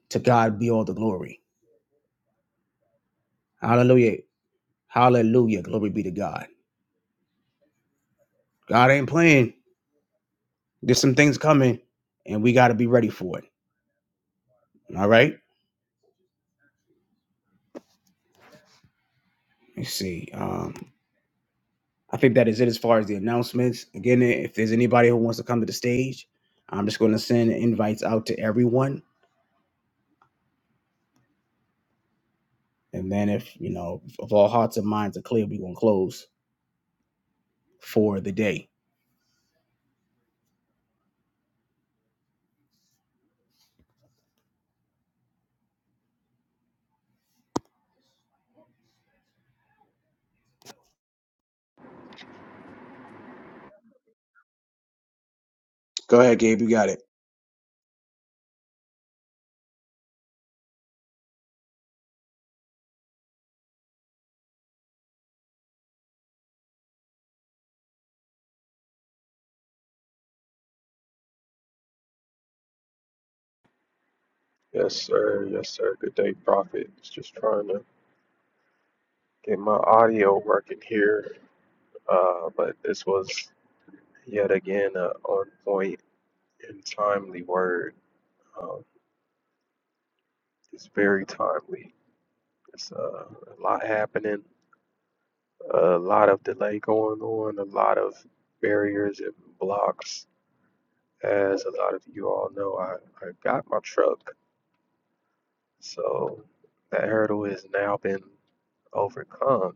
Speaker 1: To God be all the glory. Hallelujah. Hallelujah. Glory be to God. God ain't playing. There's some things coming, and we got to be ready for it. All right? Let's see. Um, I think that is it as far as the announcements. Again, if there's anybody who wants to come to the stage, I'm just going to send invites out to everyone. And then if, you know, if all hearts and minds are clear, we're going to close for the day. Go ahead, Gabe. You got it.
Speaker 2: Yes, sir. Yes, sir. Good day, Prophet. Was Just trying to get my audio working here. Uh, but this was yet again a on point and timely word. Um, it's very timely. It's uh, a lot happening, a lot of delay going on, a lot of barriers and blocks. As a lot of you all know, I, I got my truck. So that hurdle has now been overcome.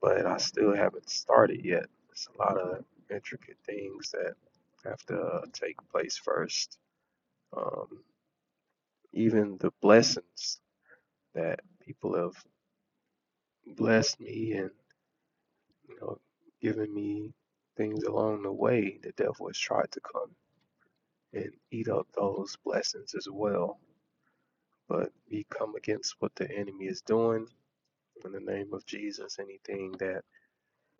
Speaker 2: but I still haven't started yet. It's a lot of intricate things that have to uh, take place first. Um, even the blessings that people have blessed me and you know given me things along the way, the devil has tried to come and eat up those blessings as well. But we come against what the enemy is doing in the name of Jesus. Anything that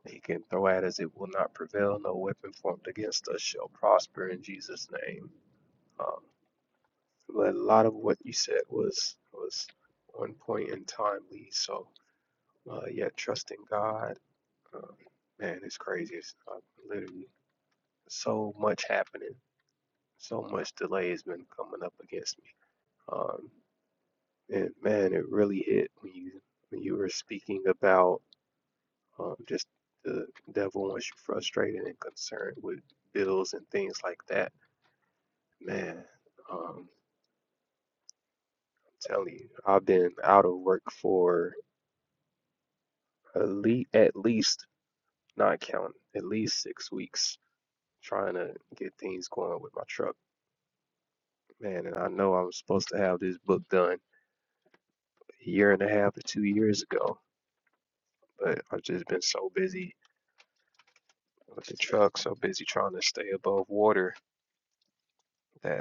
Speaker 2: He can throw at us, it will not prevail. No weapon formed against us shall prosper in Jesus' name. Um, but a lot of what you said was was one point in time, Lee. So, uh, yeah, trusting God, uh, man, it's crazy. It's uh, literally so much happening. So much delay has been coming up against me. Um, and man, it really hit when you when you were speaking about Um, just the devil wants you frustrated and concerned with bills and things like that. Man, um, I'm telling you, I've been out of work for at least, at least, not counting, at least six weeks trying to get things going with my truck. Man, and I know I'm supposed to have this book done a year and a half to two years ago, but I've just been so busy with the truck, so busy trying to stay above water that.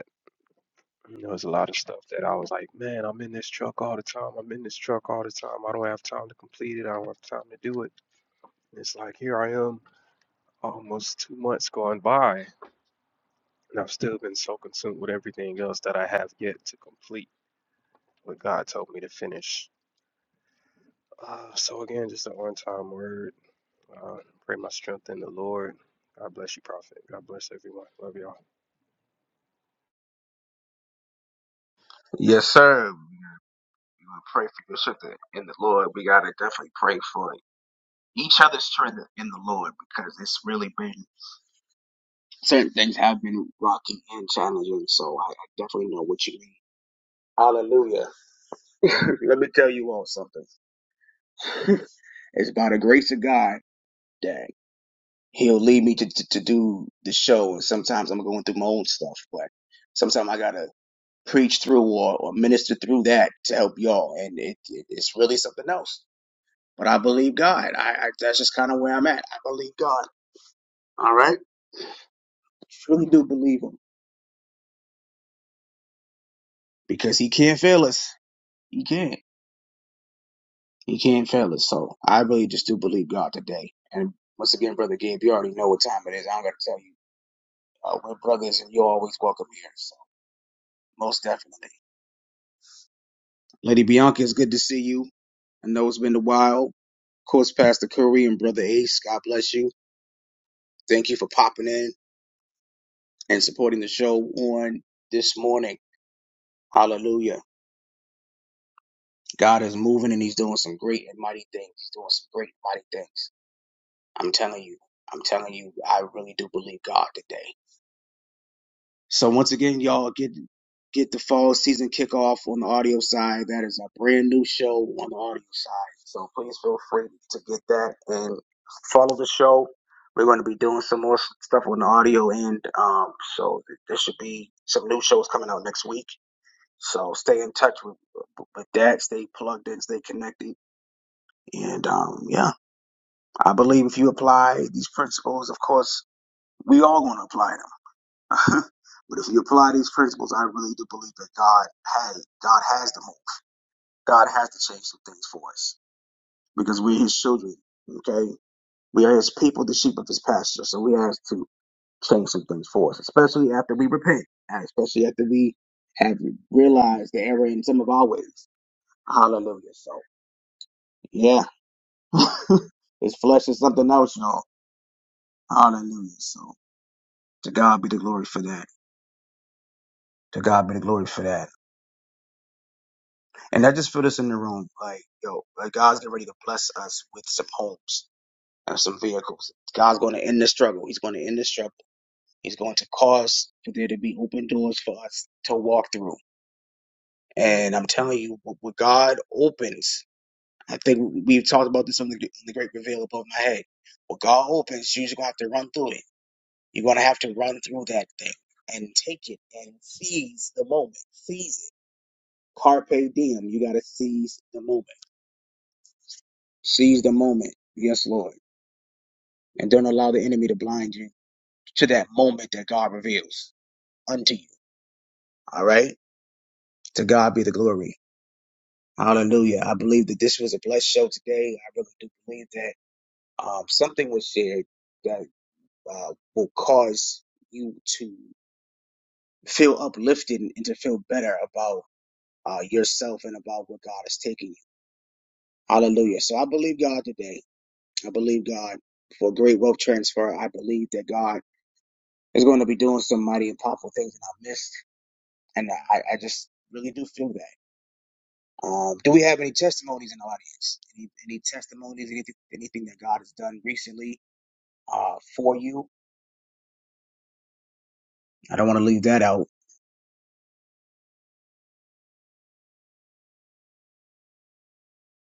Speaker 2: You know, there's a lot of stuff that I was like, man, I'm in this truck all the time. I'm in this truck all the time. I don't have time to complete it. I don't have time to do it. And it's like, here I am, almost two months gone by, and I've still been so consumed with everything else that I have yet to complete what God told me to finish. Uh, so, again, just an on time word. Uh, pray my strength in the Lord. God bless you, Prophet. God bless everyone. Love y'all.
Speaker 1: Yes, sir. You would pray for your strength in the Lord. We gotta definitely pray for each other's strength in the Lord because it's really been certain things have been rocky and challenging. So I, I definitely know what you mean. Hallelujah. Let me tell you all something. it's by the grace of God that He'll lead me to, to, to do the show. And sometimes I'm going through my own stuff, but sometimes I gotta preach through or, or minister through that to help y'all. And it, it, it's really something else But I believe God. I, I that's just kind of where I'm at. I believe God. All right, truly do believe Him because He can't fail us. He can't. He can't fail us. So I really just do believe God today. And once again, brother Gabe, you already know what time it is. I don't got to tell you. Uh, we're brothers, and you're always welcome here. So most definitely, Lady Bianca, it's good to see you. I know it's been a while. Of course, Pastor Curry and Brother Ace, God bless you. Thank you for popping in and supporting the show on this morning. Hallelujah. God is moving and he's doing some great and mighty things. He's doing some great and mighty things. I'm telling you. I'm telling you, I really do believe God today. So once again, y'all get get the fall season kickoff on the audio side. That is a brand new show on the audio side. So please feel free to get that and follow the show. We're going to be doing some more stuff on the audio end. Um, so th- there should be some new shows coming out next week. So stay in touch with, with that. Stay plugged in. Stay connected And um, yeah, I believe if you apply these principles, of course, we all going to apply them. but if you apply these principles, I really do believe that God has God has the move. God has to change some things for us because we're His children. Okay, we are His people, the sheep of His pasture. So we has to change some things for us, especially after we repent, and especially after we have realized the error in some of our ways. Hallelujah. So yeah, His flesh is something else, y'all. Hallelujah. So. To God be the glory for that. To God be the glory for that. And I just feel this in the room. Like, yo, like God's getting ready to bless us with some homes and some vehicles. God's going to end the struggle. He's going to end the struggle. He's going to cause for there to be open doors for us to walk through. And I'm telling you, what what God opens, I think we've talked about this on the, the Great Reveal above my head. What God opens, you're just going to have to run through it. You're going to have to run through that thing and take it and seize the moment, seize it Carpe diem. You got to seize the moment. Seize the moment. Yes, Lord. And don't allow the enemy to blind you to that moment that God reveals unto you. All right? To God be the glory. Hallelujah. I believe that this was a blessed show today. I really do believe that um, something was shared that uh, will cause you to feel uplifted and to feel better about uh, yourself and about where God is taking you. Hallelujah. So I believe God today. I believe God for great wealth transfer. I believe that God is going to be doing some mighty and powerful things in our midst. And I, I just really do feel that. Um, do we have any testimonies in the audience? Any, any testimonies, anything, anything that God has done recently uh, for you? I don't want to leave that out.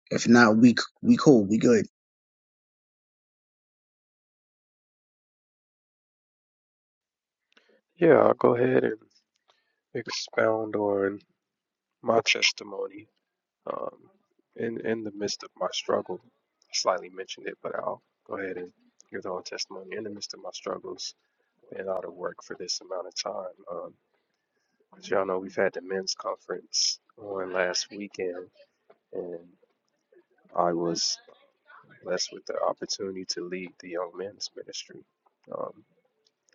Speaker 1: If not, we c- we cool, we good.
Speaker 2: Yeah, I'll go ahead and expound on my testimony. um, in in the midst of my struggle. I slightly mentioned it, but I'll go ahead and give the whole testimony. In the midst of my struggles and all the work for this amount of time, um, as y'all know, we've had the men's conference on last weekend, and I was blessed with the opportunity to lead the young men's ministry. Um,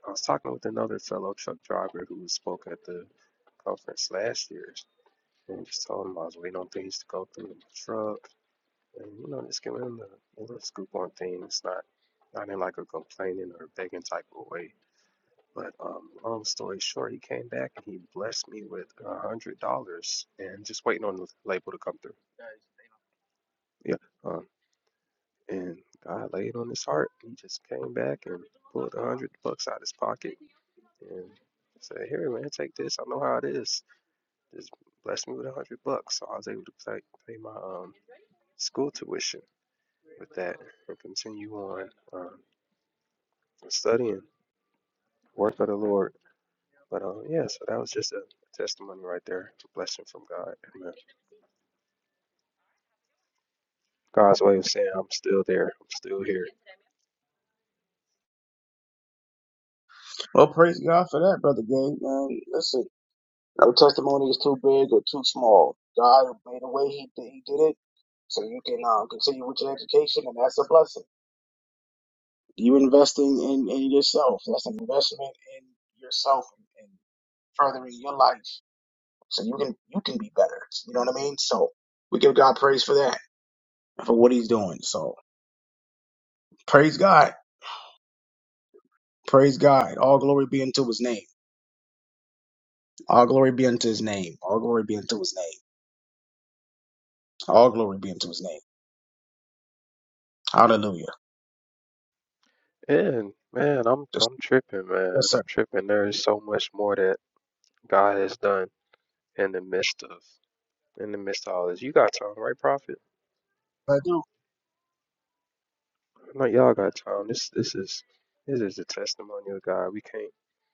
Speaker 2: I was talking with another fellow truck driver who spoke at the conference last year, and just told him I was waiting on things to go through in the truck And you know, just giving them the, the scoop on things, not not in like a complaining or begging type of way. But um, long story short, he came back and he blessed me with a hundred dollars, and just waiting on the label to come through. Yeah. Um, and God laid on his heart. He just came back and pulled a hundred bucks out of his pocket and said, "Here, man, take this. I know how it is. Just bless me with a hundred bucks." So I was able to pay, pay my um school tuition with that and continue on. um, and studying, work of the Lord. But um, yeah, so that was just a testimony right there, a blessing from God. Amen. God's way of saying I'm still there, I'm still here.
Speaker 1: Well, praise God for that, brother Gang, Man, listen, no testimony is too big or too small. God made a way; He did, he did it, so you can uh, continue with your education, and that's a blessing. You're investing in, in yourself. That's an investment in yourself and, and furthering your life. So you can you can be better. You know what I mean? So we give God praise for that, for what he's doing. So praise God. Praise God be unto his name. All glory be unto his name. All glory be unto his all glory be unto his name. Hallelujah.
Speaker 2: And man, I'm
Speaker 1: Just,
Speaker 2: I'm tripping,
Speaker 1: yes,
Speaker 2: man.
Speaker 1: sir.
Speaker 2: I'm tripping. There is so much more that God has done in the midst of in the midst of all this. You got time, right, Prophet?
Speaker 1: I do.
Speaker 2: I know y'all got time. This this is this is a testimony of God. We can't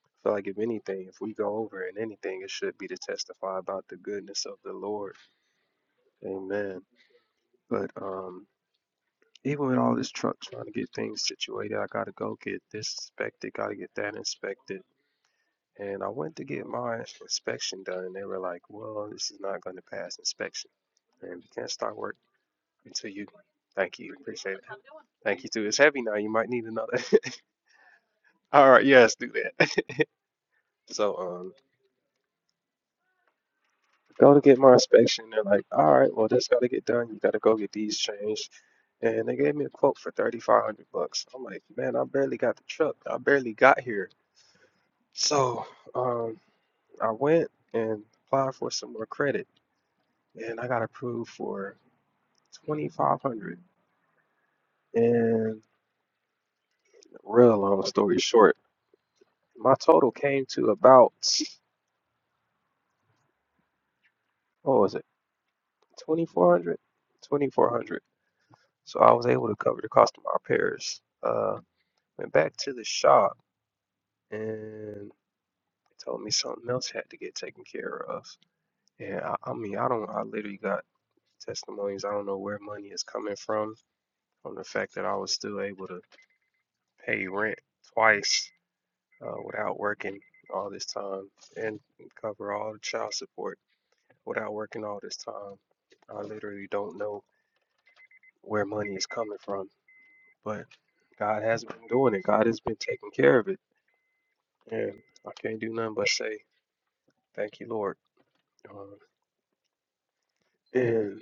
Speaker 2: I feel like if anything, if we go over in anything, it should be to testify about the goodness of the Lord. Amen. But um even with all this truck trying to get things situated, I gotta go get this inspected, gotta get that inspected. And I went to get my inspection done, and they were like, "Well, this is not going to pass inspection, and we can't start work until you." Thank you, appreciate it. Thank you too. It's heavy now. You might need another. All right, yes, do that. So, um, go to get my inspection. They're like, "All right, well, this got to get done. You got to go get these changed." and they gave me a quote for 3500 bucks. I'm like, man, I barely got the truck. I barely got here. So um, I went and applied for some more credit, and I got approved for 2,500. And real long story short, my total came to about, what was it, 2,400? 2,400. So I was able to cover the cost of my repairs. Uh, went back to the shop, and they told me something else had to get taken care of. And I, I mean, I don't, I literally got testimonies. I don't know where money is coming from from the fact that I was still able to pay rent twice uh, without working all this time and cover all the child support without working all this time. I literally don't know where money is coming from, but God has been doing it. God has been taking care of it, and I can't do nothing but say thank you, Lord. Uh, and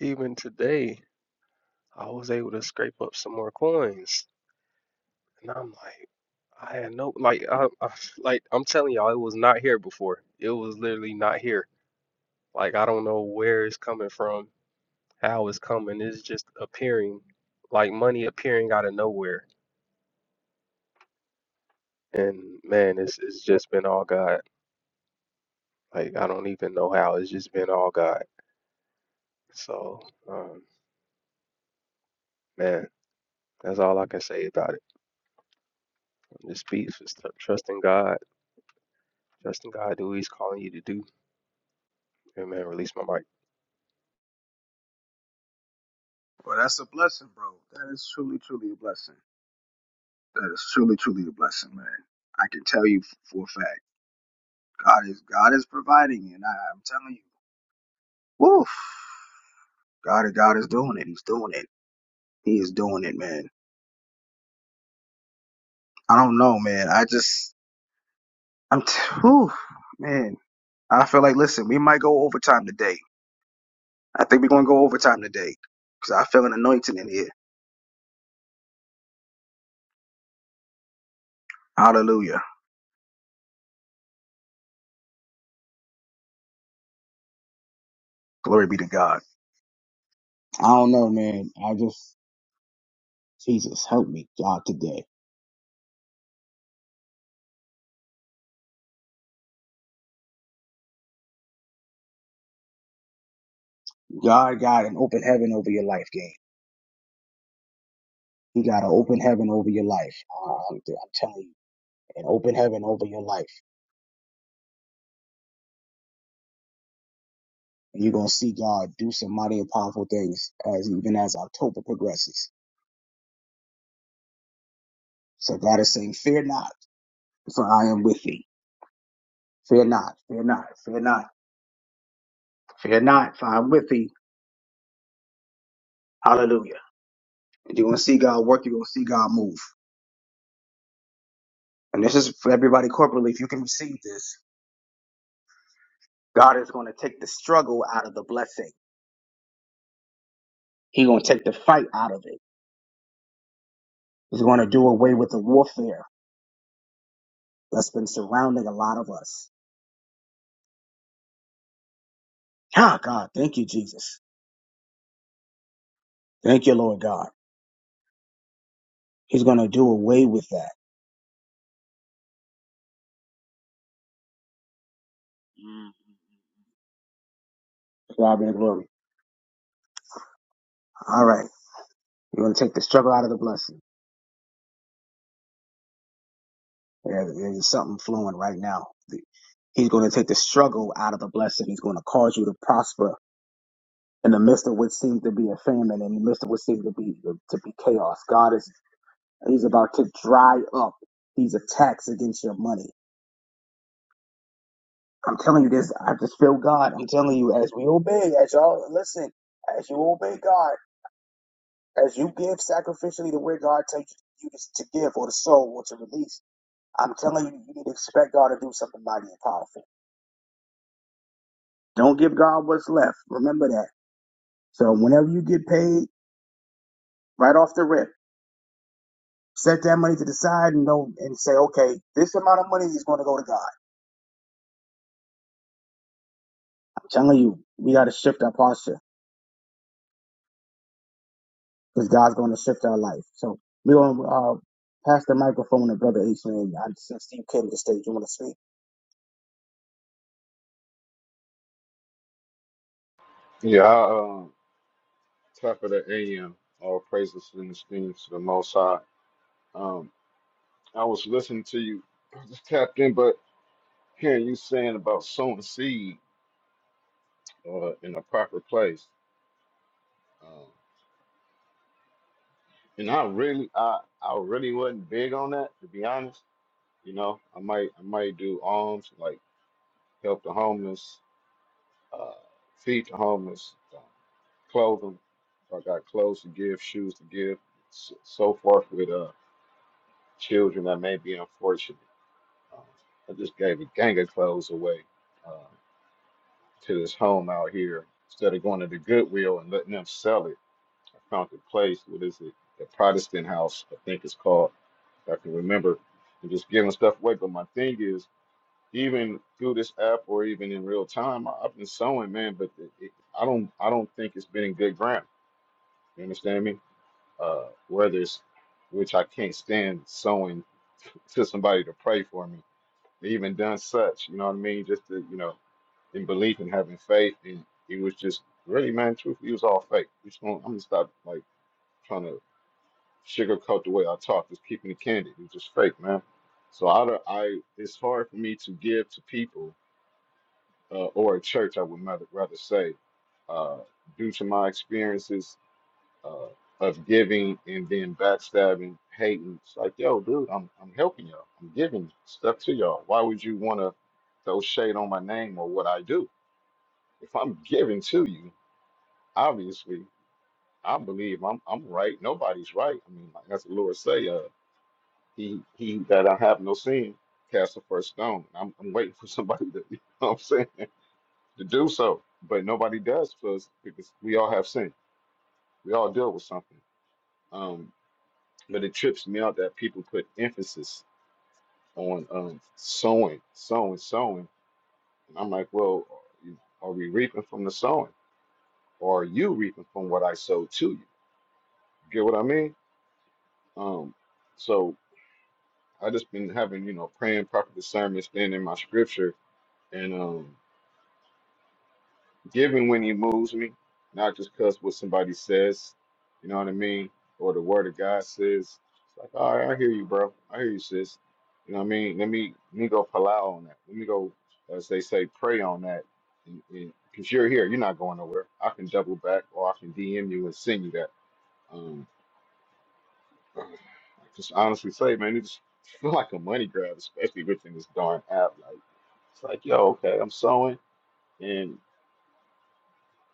Speaker 2: even today, I was able to scrape up some more coins And I'm like, I had no like I, I like I'm telling y'all, it was not here before. It was literally not here. Like I don't know where it's coming from, how it's coming. It's just appearing, like money appearing out of nowhere. And man, it's it's just been all God. Like I don't even know how. It's just been all God. So um, man, that's all I can say about it. I'm just peace, just trusting God, trusting God, do what He's calling you to do. Amen. Release my mic.
Speaker 1: Well, that's a blessing, bro. That is truly, truly a blessing. That is truly, truly a blessing, man. I can tell you f- for a fact, God is God is providing, and I, I'm telling you. Woof. God, God is doing it. He's doing it. He is doing it, man. I don't know, man. I just, I'm, t- whew, man. I feel like, listen, we might go overtime today. I think we're going to go overtime today because I feel an anointing in here. Hallelujah. Glory be to God. I don't know, man. I just, Jesus, help me, God, today. God got an open heaven over your life, gang. He got an open heaven over your life. Uh, I'm, I'm telling you, an open heaven over your life. and you're gonna see God do some mighty and powerful things as even as October progresses. So God is saying, Fear not, for I am with thee. Fear not, fear not, fear not, fear not, for I'm with thee. Hallelujah. And you're gonna see God work, you're gonna see God move. And this is for everybody corporately. If you can receive this, God is gonna take the struggle out of the blessing. He's gonna take the fight out of it. He's gonna do away with the warfare that's been surrounding a lot of us. Ah, God, thank you, Jesus. Thank you, Lord God. He's gonna do away with that. Mm. To God be the glory. All you We're going to take the struggle out of the blessing. There- There's something flowing right now. The- He's going to take the struggle out of the blessing. He's going to cause you to prosper in the midst of what seems to be a famine, in the midst of what seems to be to be chaos. God is He's about to dry up these attacks against your money. I'm telling you this. I just feel God. I'm telling you, as we obey, as y'all listen, as you obey God, as you give sacrificially to where God tells you to to give or to sow or to release I'm telling you, you need to expect God to do something mighty and powerful. Don't give God what's left. Remember that. So whenever you get paid, right off the rip, set that money to the side and know and say, okay, this amount of money is going to go to God. I'm telling you, we got to shift our posture because God's going to shift our life. So we're going to uh, pass the microphone to Brother H. Man. I, since you came to the stage, you want to speak?
Speaker 3: Yeah, I, um, top of the AM, all praises and esteem to the Most High. Um, I was listening to you, I just tapped in, but hearing you saying about sowing seed uh, in a proper place, um, and I really, I, I really wasn't big on that to be honest. You know, I might, I might do alms like help the homeless, uh, feed the homeless, uh, clothe them. If I got clothes to give, shoes to give, so, so forth with uh children that may be unfortunate. Uh, I just gave a gang of clothes away uh, to this home out here. Instead of going to the Goodwill and letting them sell it, I found a place. What is it? The Protestant House, I think it's called. If I can remember. And just giving stuff away. But my thing is, even through this app or even in real time, I, I've been sewing, man. But it, it, I don't, I don't think it's been in good ground. You understand me? Uh, where there's, which I can't stand sewing to somebody to pray for me They even done such, you know what I mean? Just to, you know, in belief and having faith. And it was just really, man, truthfully, it was all fake. We just gonna, I'm going to stop, like, trying to sugarcoat the way I talk, just keeping it candid. It was just fake, man. So I, don't- I it's hard for me to give to people uh, or a church, I would rather, rather say, uh, due to my experiences uh, of giving and then backstabbing, hating. It's like, yo, dude, I'm I'm helping y'all. I'm giving stuff to y'all. Why would you want to throw shade on my name or what I do? If I'm giving to you, obviously, I believe I'm I'm right. Nobody's right. I mean, like, that's the Lord say, uh, he he that I have no sin cast the first stone. I'm I'm waiting for somebody to, you know what I'm saying, to do so. But nobody does because because we all have sin. We all deal with something. Um. But it trips me out that people put emphasis on um, sowing, sowing, sowing. And I'm like, well, you- are we reaping from the sowing? Or are you reaping from what I sowed to you? Get what I mean? Um, so I just been having, you know, praying proper discernment, staying in my scripture, and um, Giving when he moves me, not just because what somebody says, you know what I mean, or the word of God says. It's like, all right, I hear you, bro. I hear you, sis. You know what I mean? Let me let me go palau on that. Let me go, as they say, pray on that. Because you're here, you're not going nowhere. I can double back, or I can DM you and send you that. Um, I just honestly say, man, it just feel like a money grab, especially within this darn app. Like, it's like, yo, okay, I'm sewing, and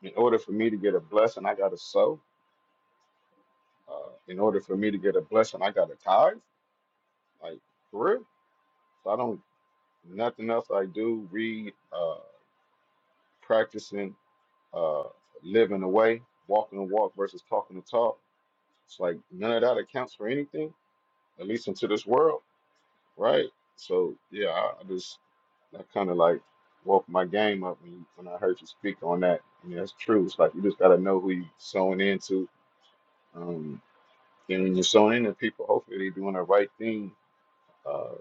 Speaker 3: In order for me to get a blessing, I gotta sow. Uh, in order for me to get a blessing, I gotta tithe. Like for real. So I don't nothing else I do. Read, uh, practicing, uh, living the way, walking the walk versus talking the talk. It's like none of that accounts for anything, at least into this world, right? So yeah, I, I just I kind of like woke my game up when, you, when I heard you speak on that. I mean, that's true. It's like you just gotta know who you sowing into. Um, And when you're sowing into people, hopefully they're doing the right thing, uh,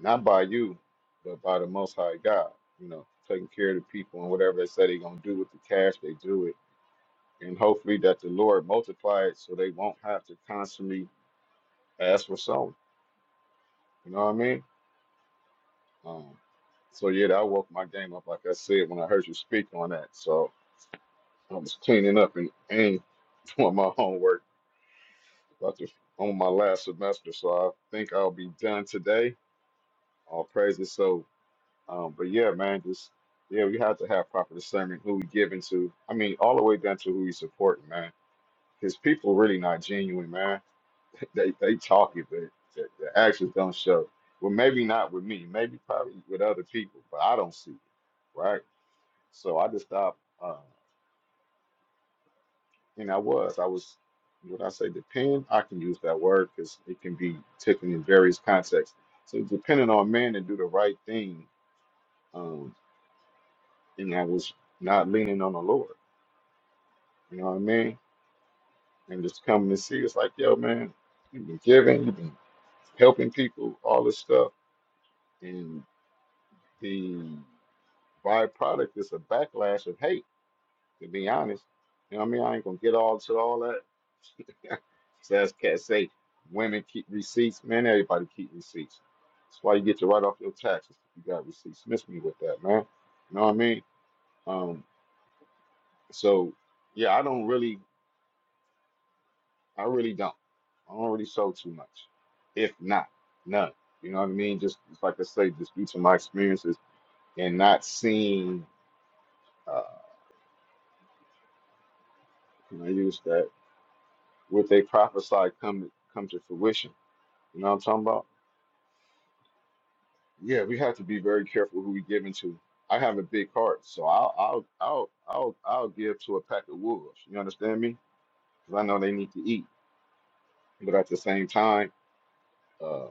Speaker 3: not by you, but by the Most High God. You know, taking care of the people and whatever they say they're gonna do with the cash, they do it, and hopefully that the Lord multiply it so they won't have to constantly ask for sowing. You know what I mean? Um, so yeah, I woke my game up, like I said, when I heard you speak on that. So I was cleaning up and, and doing my homework about to, on my last semester. So I think I'll be done today. All praises. So Um, but yeah, man, just yeah, we have to have proper discernment who we giving to. I mean, all the way down to who we supporting, man. Because people really not genuine, man. They they talk it, but the, the actions don't show. Well, maybe not with me, maybe probably with other people, but I don't see it, right? So I just stopped. Uh, and I was, I was, when I say depend, I can use that word because it can be taken in various contexts. So depending on men to do the right thing, um, and I was not leaning on the Lord. You know what I mean? And just coming to see, it's like, yo, man, you've been giving, you've been helping people, all this stuff. And the byproduct is a backlash of hate, to be honest. You know what I mean? I ain't gonna get all to all that. so as cats say, women keep receipts, man, everybody keep receipts. That's why you get to write off your taxes if you got receipts. Miss me with that, man. You know what I mean? Um, so yeah, I don't really I really don't. I don't really show too much, if not none. You know what I mean? Just, just like I say, just due to my experiences and not seeing, uh, can I use that? What they prophesy come come to fruition. You know what I'm talking about? Yeah, we have to be very careful who we give into. I have a big heart, so I'll I'll I'll I'll, I'll give to a pack of wolves. You understand me? Because I know they need to eat, but at the same time. uh,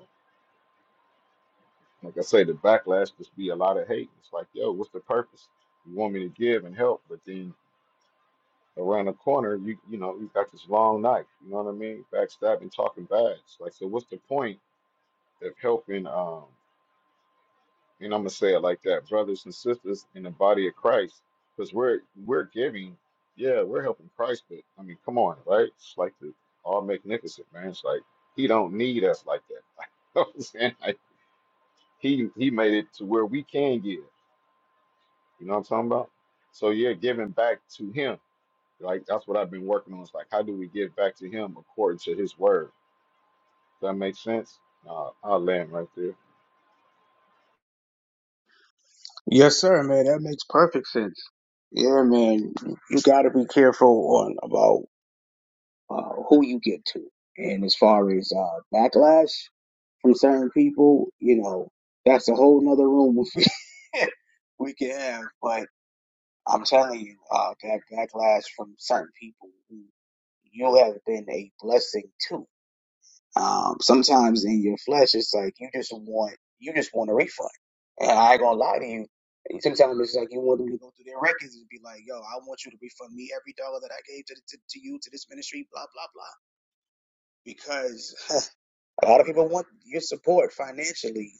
Speaker 3: Like I say, the backlash just be a lot of hate. It's like, yo, what's the purpose? You want me to give and help, but then around the corner, you you know, you got this long knife. You know what I mean? Backstabbing, talking bad. It's like, so what's the point of helping? Um, and I'm gonna say it like that, brothers and sisters in the body of Christ, because we're we're giving. Yeah, we're helping Christ, but I mean, come on, right? It's like the all magnificent man. It's like he don't need us like that. Like, you know what I'm saying? Like, he he made it to where we can give. You know what I'm talking about? So yeah, giving back to him. Like that's what I've been working on. It's like how do we give back to him according to his word? Does that make sense? Uh, I'll land right there.
Speaker 1: Yes, sir, man. That makes perfect sense. Yeah, man. You got to be careful on about uh, who you get to. And as far as uh, backlash from certain people, you know, that's a whole nother room we can we can have. But I'm telling you, uh, that backlash from certain people who you have been a blessing to. Um, sometimes in your flesh, it's like you just want you just want a refund. And I ain't gonna lie to you. Sometimes it's like you want them to go through their records and be like, "Yo, I want you to refund me every dollar that I gave to, to, to you to this ministry." Blah blah blah because a lot of people want your support financially,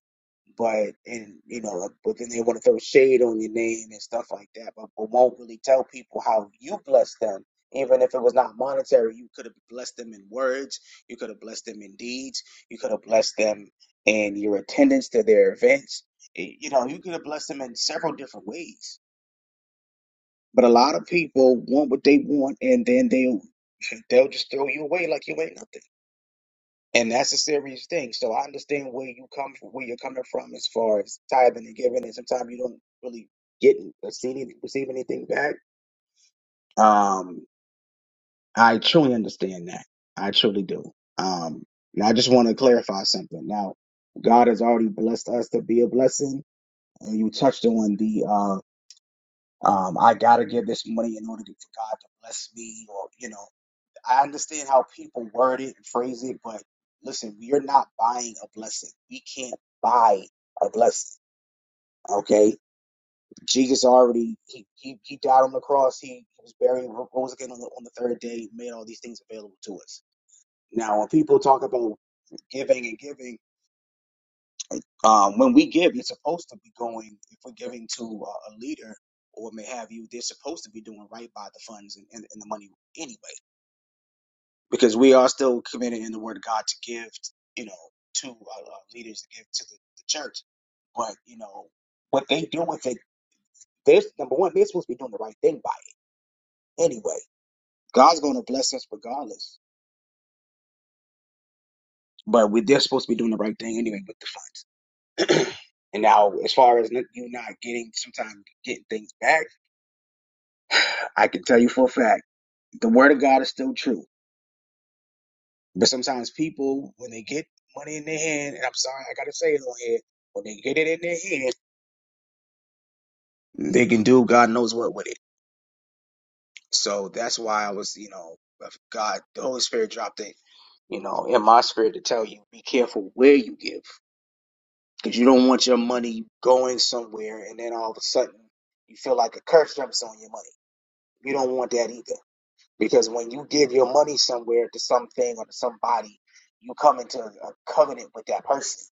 Speaker 1: but and you know, like, but then they want to throw shade on your name and stuff like that, but, but won't really tell people how you blessed them. Even if it was not monetary, you could have blessed them in words, you could have blessed them in deeds, you could have blessed them in your attendance to their events. Y- You know, you could have blessed them in several different ways. But a lot of people want what they want, and then they they'll they'll just throw you away like you ain't nothing. And that's a serious thing. So I understand where you come from, where you're coming from as far as tithing and giving, and sometimes you don't really get or see any, receive anything back. Um, I truly understand that. I truly do. Um, now I just want to clarify something. Now, God has already blessed us to be a blessing, and you touched on the uh, um, I gotta give this money in order for God to bless me, or you know. I understand how people word it and phrase it, but listen, we are not buying a blessing. We can't buy a blessing. Okay, Jesus already he he, he died on the cross. He, he was buried, rose again on the, on the third day, made all these things available to us. Now, when people talk about giving and giving, um, when we give, it's supposed to be going. If we're giving to uh, a leader or may have you, they're supposed to be doing right by the funds and, and, and the money anyway. because we are still committed in the Word of God to give, you know, to uh, uh, leaders to give to the, the church. But you know what they do with it. They're number one. They're supposed to be doing the right thing by it anyway. God's going to bless us regardless. But we, they're supposed to be doing the right thing anyway with the funds. and now, as far as you not getting sometimes getting things back, I can tell you for a fact the Word of God is still true But sometimes people, when they get money in their hand, and I'm sorry, I gotta say it on here, when they get it in their hand, they can do God knows what with it. So that's why I was, you know, if God, the Holy Spirit dropped it, you know, in my spirit to tell you, be careful where you give, because you don't want your money going somewhere, and then all of a sudden you feel like a curse jumps on your money. You don't want that either, because when you give your money somewhere to something or to somebody, you come into a covenant with that person.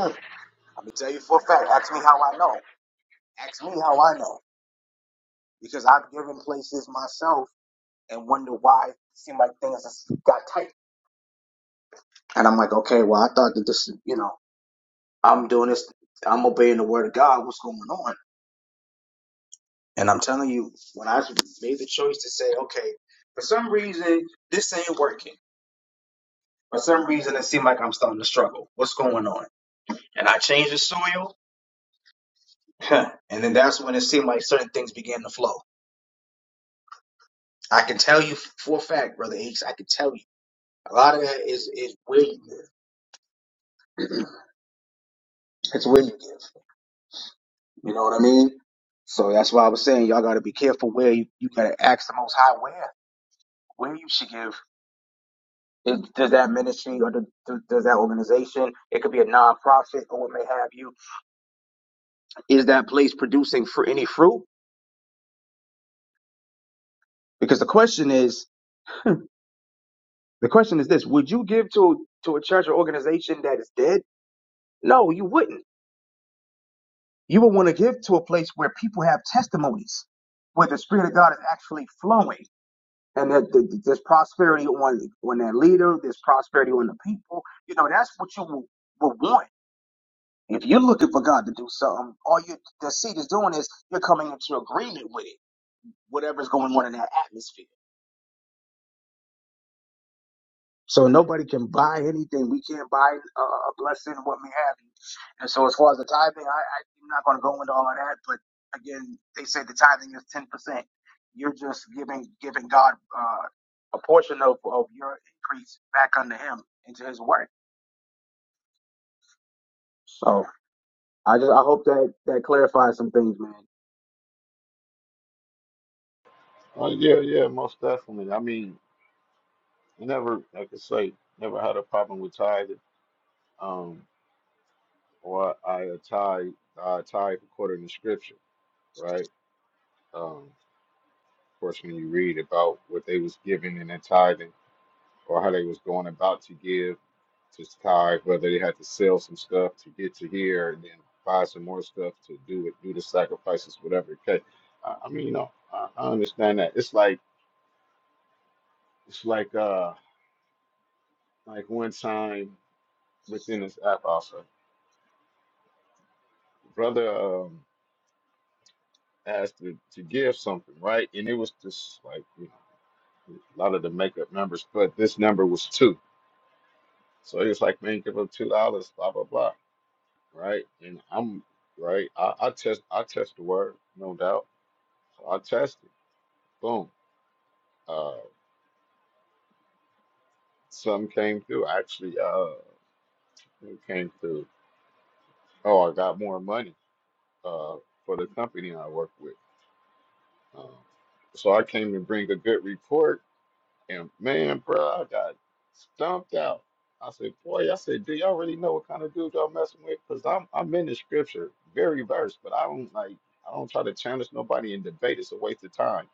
Speaker 1: I'm gonna tell you for a fact. Ask me how I know. Ask me how I know. Because I've given places myself and wonder why it seemed like things just got tight. And I'm like, okay, well, I thought that this, you know, I'm doing this, I'm obeying the word of God. What's going on? And I'm telling you, when I made the choice to say, okay, for some reason, this ain't working. For some reason, it seemed like I'm starting to struggle. What's going on? And I changed the soil. Huh. and then that's when it seemed like certain things began to flow. I can tell you for a fact, Brother Aches, I can tell you. A lot of that is is where you live. It's where you live. You know what I mean? So that's why I was saying y'all got to be careful where you, you got to ask the Most High where where you should give. Is, does that ministry or do, do, does that organization? It could be a nonprofit or what may have you. Is that place producing for any fruit? Because the question is the question is this: Would you give to to a church or organization that is dead? No, you wouldn't. You would want to give to a place where people have testimonies, where the Spirit of God is actually flowing and that th- th- there's prosperity on on that leader. There's prosperity on the people. You know, that's what you will, will want. If you're looking for God to do something, all you the seed is doing is you're coming into agreement with it, whatever's going on in that atmosphere. So nobody can buy anything. We can't buy a, a blessing, what we have. you. And so as far as the tithing, I, I, I'm not going to go into all of that. But again, they say the tithing is 10%. You're just giving giving God uh, a portion of, of your increase back unto Him into His work. So I just I hope that that clarifies some things, man.
Speaker 3: Oh yeah, yeah, most definitely. I mean, never like I say, never had a problem with tithing. Um, or I tithe, I tithe according to scripture, right? Um, of course, when you read about what they was giving and their tithing, or how they was going about to give Just tired, whether they had to sell some stuff to get to here and then buy some more stuff to do it, do the sacrifices, whatever it takes. I, I mean, you know, I, I understand that. It's like it's like uh like one time within this app also, brother um asked to, to give something, right? And it was just like, you know, a lot of the makeup numbers, but this number was two. So he was like, man, give up two dollars, blah blah blah. Right. And I'm right. I, I test I test the word, no doubt. So I tested. boom. Uh, some came through. Actually, uh, who came through? Oh, I got more money uh, for the company I work with. Um, so I came to bring a good report, and man, bro, I got stumped out. I said, boy, I said, do y'all really know what kind of dude y'all messing with? Because I'm I'm in the scripture, very verse, but I don't like I don't try to challenge nobody in debate. It's a waste of time,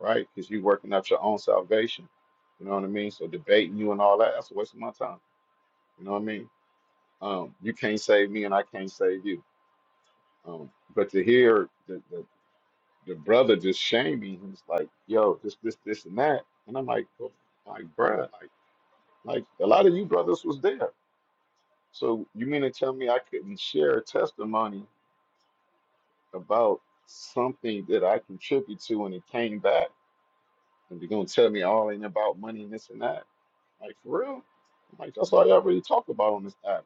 Speaker 3: right? Because you working up your own salvation. You know what I mean? So debating you and all that, that's a waste of my time. You know what I mean? Um, you can't save me, and I can't save you. Um, but to hear the, the the brother just shaming, he's like, "Yo, this this this and that," and I'm like, well, "Like, bruh, like, like a lot of you brothers was there. So you mean to tell me I couldn't share a testimony about something that I contribute to, and it came back, and you're gonna tell me all ain't about money and this and that? Like, for real?" Like that's all y'all really talk about on this app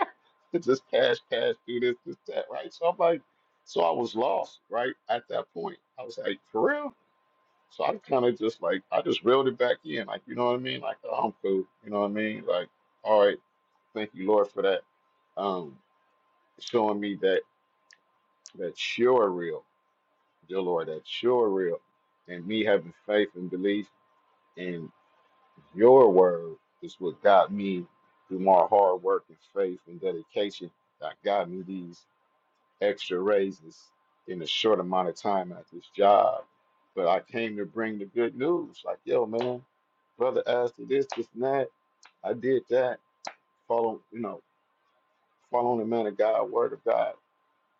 Speaker 3: just cash, cash, do this, this, that, right? So I'm like, so I was lost, right? At that point, I was like, for real? So I kind of just like, I just reeled it back in, like, you know what I mean? Like, oh, I'm cool, you know what I mean? Like, all right, thank you, Lord, for that, um, showing me that that you're real, dear Lord, that you're real, and me having faith and belief in your word is what got me through my hard work and faith and dedication that got me these. extra raises in a short amount of time at this job. But I came to bring the good news. Like, yo, man, brother asked for this, this, and that. I did that. Follow, you know, following the man of God, word of God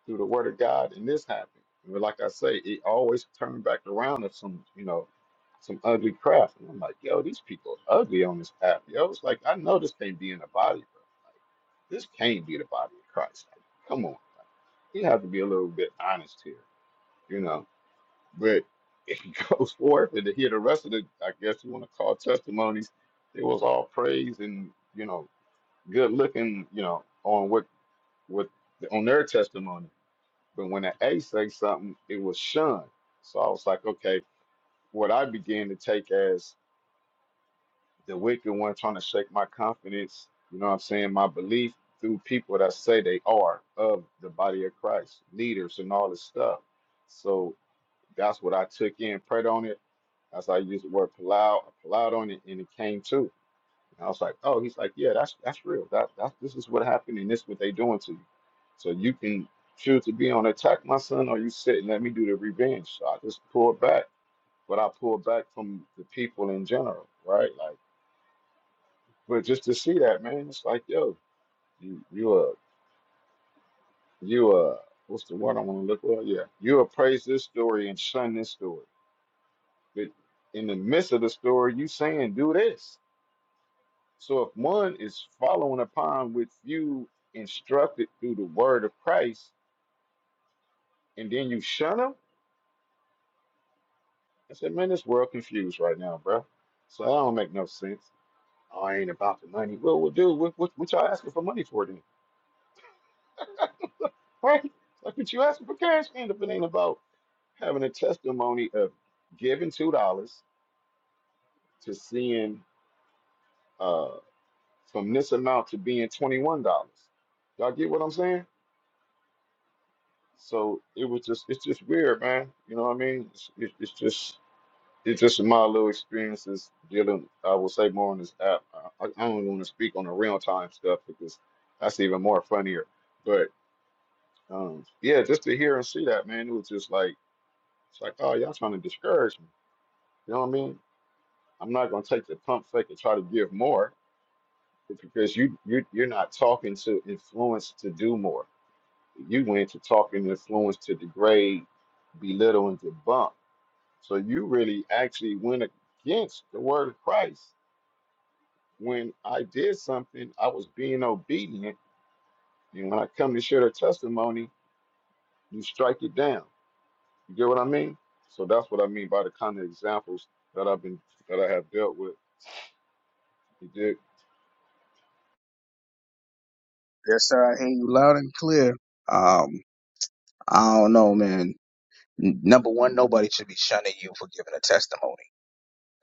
Speaker 3: through the word of God, and this happened. But like I say, it always turned back around to some, you know, some ugly crap. And I'm like, yo, these people are ugly on this app. Yo, it's like I know this can't be in the body, bro. Like, this can't be the body of Christ. Like, come on, like, you have to be a little bit honest here, you know. But it goes forth, and to hear the rest of the, I guess you want to call testimonies, it was all praise and you know, good looking, you know, on what what on their testimony but when an A say something, it was shunned. So I was like, okay, what I began to take as the wicked one trying to shake my confidence, you know what I'm saying, my belief through people that say they are of the body of Christ, leaders and all this stuff. So that's what I took in, prayed on it. That's how I used the word palau, I palaued on it, and it came too. And I was like, oh, he's like, yeah, that's that's real. That that this is what happened, and this is what they doing to you. So you can choose to be on attack, my son, or you sit and let me do the revenge. So I just pulled back, but I pulled back from the people in general, right? Like, but just to see that, man, it's like, yo, you you uh you uh what's the word I want to look for? Yeah, you appraise this story and shun this story, but in the midst of the story, you saying do this. So if one is following upon what you instructed through the word of Christ, and then you shun him, I said, man, this world confused right now, bro. So that don't make no sense. Oh, I ain't about the money. Well, well, dude, what, what, what y'all asking for money for then? Right? Like, what you asking for cash then if it ain't about having a testimony of giving $2 to seeing uh, from this amount to being $21? Y'all get what I'm saying? So it was just, it's just weird, man. You know what I mean? It's, it, it's just, it's just my little experiences dealing. I will say more on this app. I, I don't want to speak on the real time stuff because that's even more funnier. But um, yeah, just to hear and see that, man, it was just like, it's like, oh, y'all trying to discourage me. You know what I mean? I'm not gonna take the pump fake and try to give more because you you you're not talking to influence to do more. You went to talking to influence to degrade, belittle, and debunk So you really actually went against the word of Christ. When I did something, I was being obedient. And when I come to share the testimony, you strike it down. You get what I mean? So that's what I mean by the kind of examples that I've been that I have dealt with. You did.
Speaker 1: I hear you. Um, I don't know, man. N- Number one, nobody should be shunning you for giving a testimony.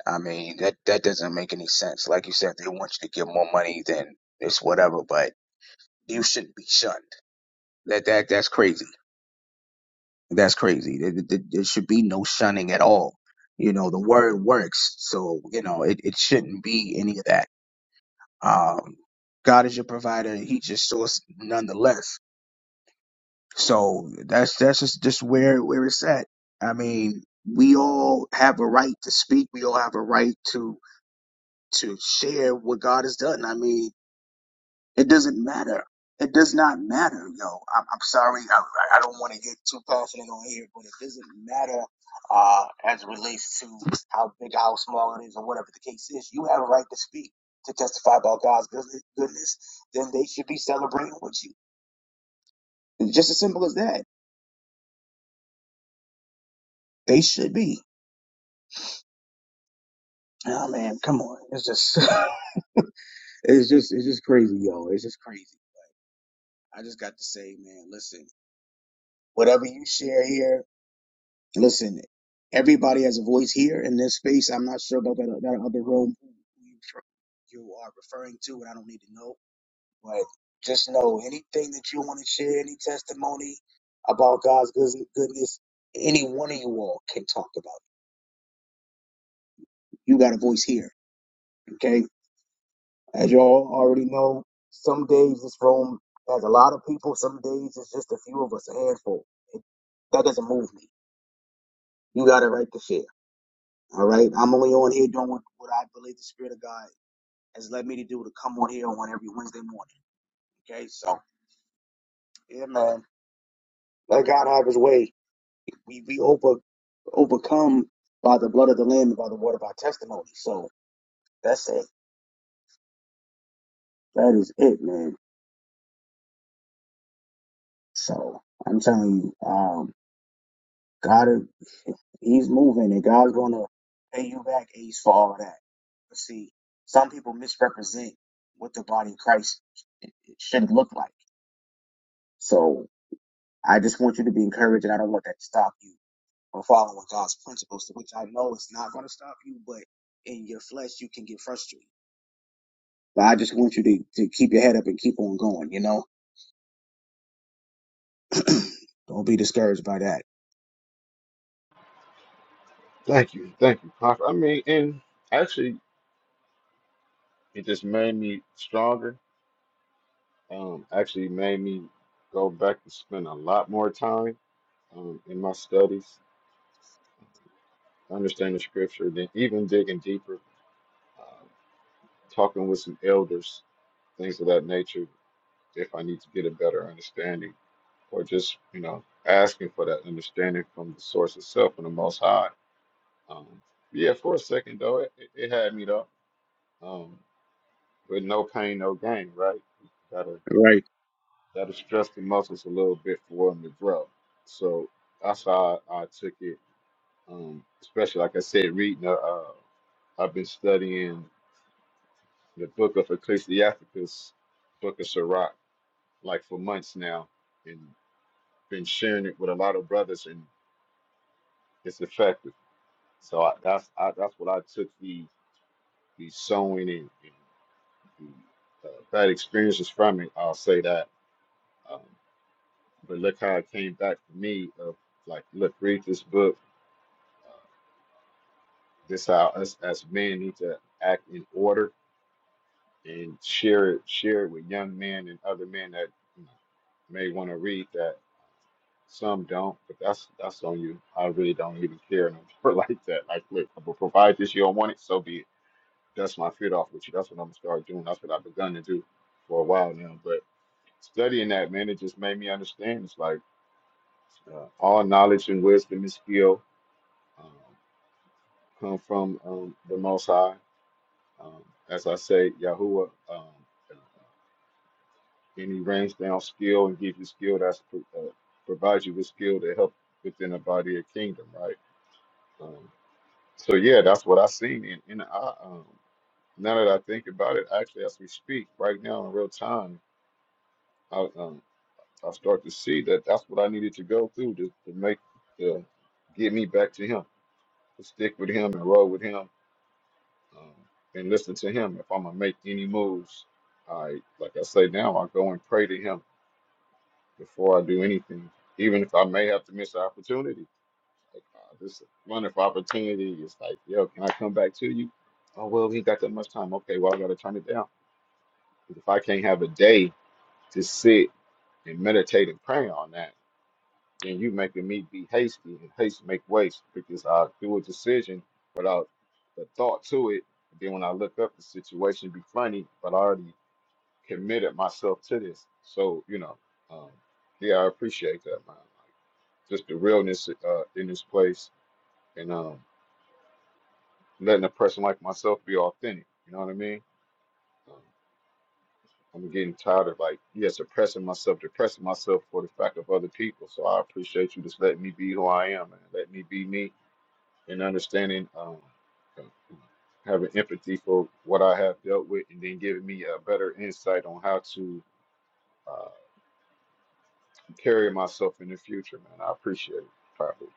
Speaker 1: I mean, that that doesn't make any sense. Like you said, if they want you to give more money, then it's whatever. But you shouldn't be shunned. That that that's crazy. That's crazy. There, there there should be no shunning at all. You know, the word works, so you know it, it shouldn't be any of that. Um, God is your provider. He just source nonetheless. So that's that's just just where where it's at. I mean, we all have a right to speak. We all have a right to to share what God has done. I mean, it doesn't matter. It does not matter, yo. I'm, I'm sorry. I, I I don't want to get too passionate on here, but it doesn't matter uh, as it relates to how big, how small it is, or whatever the case is. You have a right to speak, to testify about God's goodness. goodness then they should be celebrating with you. It's just as simple as that. They should be. Oh man, come on. It's just it's just it's just crazy, yo. It's just crazy. I just got to say, man, listen, whatever you share here, listen, everybody has a voice here in this space. I'm not sure about that that other room you you are referring to, and I don't need to know. But just know anything that you want to share, any testimony about God's good- goodness, any one of you all can talk about. it. You got a voice here. okay? As y'all already know, some days this room has a lot of people. Some days it's just a few of us, a handful. It, that doesn't move me. You got a right to share. All right. I'm only on here doing what, what I believe the Spirit of God has led me to do to come on here on every Wednesday morning. Okay. So, yeah, man. Let God have his way. We, we over, overcome by the blood of the Lamb and by the word of our testimony. So that's it. That is it, man. So I'm telling you. Um, God, is- He's moving, and God's gonna pay you back Ace for all of that. But see, some people misrepresent what the body of Christ should look like. So I just want you to be encouraged, and I don't want that to stop you from following God's principles, which I know it's not gonna stop you, but in your flesh you can get frustrated. But I just want you to, to keep your head up and keep on going. You know, don't be discouraged by that.
Speaker 3: Thank you. Thank you. Prof. I mean, and actually it just made me stronger. Um, actually made me go back and spend a lot more time um, in my studies understanding scripture, then even digging deeper, uh, talking with some elders, things of that nature, if I need to get a better understanding, or just, you know, asking for that understanding from the source itself and the Most High. Um, yeah, for a second, though, it, it it had me, though. Um, with no pain, no gain, right? Gotta,
Speaker 1: Right.
Speaker 3: gotta stress the muscles a little bit for them to grow. So that's how I, I took it, um, especially, like I said, reading, uh, uh, I've been studying. the book of Ecclesiasticus, book of Sirach, like for months now, and been sharing it with a lot of brothers, and it's effective. So I, that's I, that's what I took the the sewing and, and the, uh, bad experiences from it. I'll say that. Um, but look how it came back to me of like, look, read this book. Uh, this how us as men need to act in order and share it share it with young men and other men that you know, may want to read that Some don't, but that's that's on you. I really don't even care no more like that. Like, look, I to provide this, you don't want it, so be it. That's my feet off with you. That's what I'm gonna start doing. That's what I've begun to do for a while now. But studying that, man, it just made me understand. It's like uh, all knowledge and wisdom and skill um, come from um, the Most High. Um, as I say, Yahuwah, um, and He rains down skill and gives you skill that's pro- uh, provides you with skill to help within the body of kingdom, right? Um, So yeah, that's what I seen. And, and I, um, now that I think about it, actually, as we speak right now in real time, I, um, I start to see that that's what I needed to go through to, to make to get me back to Him, to stick with Him and roll with Him, um, and listen to Him. If I'm gonna make any moves, I like I say now, I go and pray to Him before I do anything, even if I may have to miss an opportunity. Like, uh, this is a wonderful opportunity. It's like, yo, can I come back to you? Oh, well, we ain't got that much time. Okay, well, I got to turn it down. 'Cause if I can't have a day to sit and meditate and pray on that, then you making me be hasty and haste make waste because I do a decision without the thought to it. then when I look up, the situation be funny, but I already committed myself to this. So, you know, um, yeah, I appreciate that, man. Like, just the realness uh, in this place. and um. letting a person like myself be authentic. You know what I mean? Um, I'm getting tired of like, yeah, suppressing myself, depressing myself for the fact of other people. So I appreciate you just letting me be who I am and let me be me and understanding, um, having empathy for what I have dealt with and then giving me a better insight on how to uh, carry myself in the future, man. I appreciate it. Properly.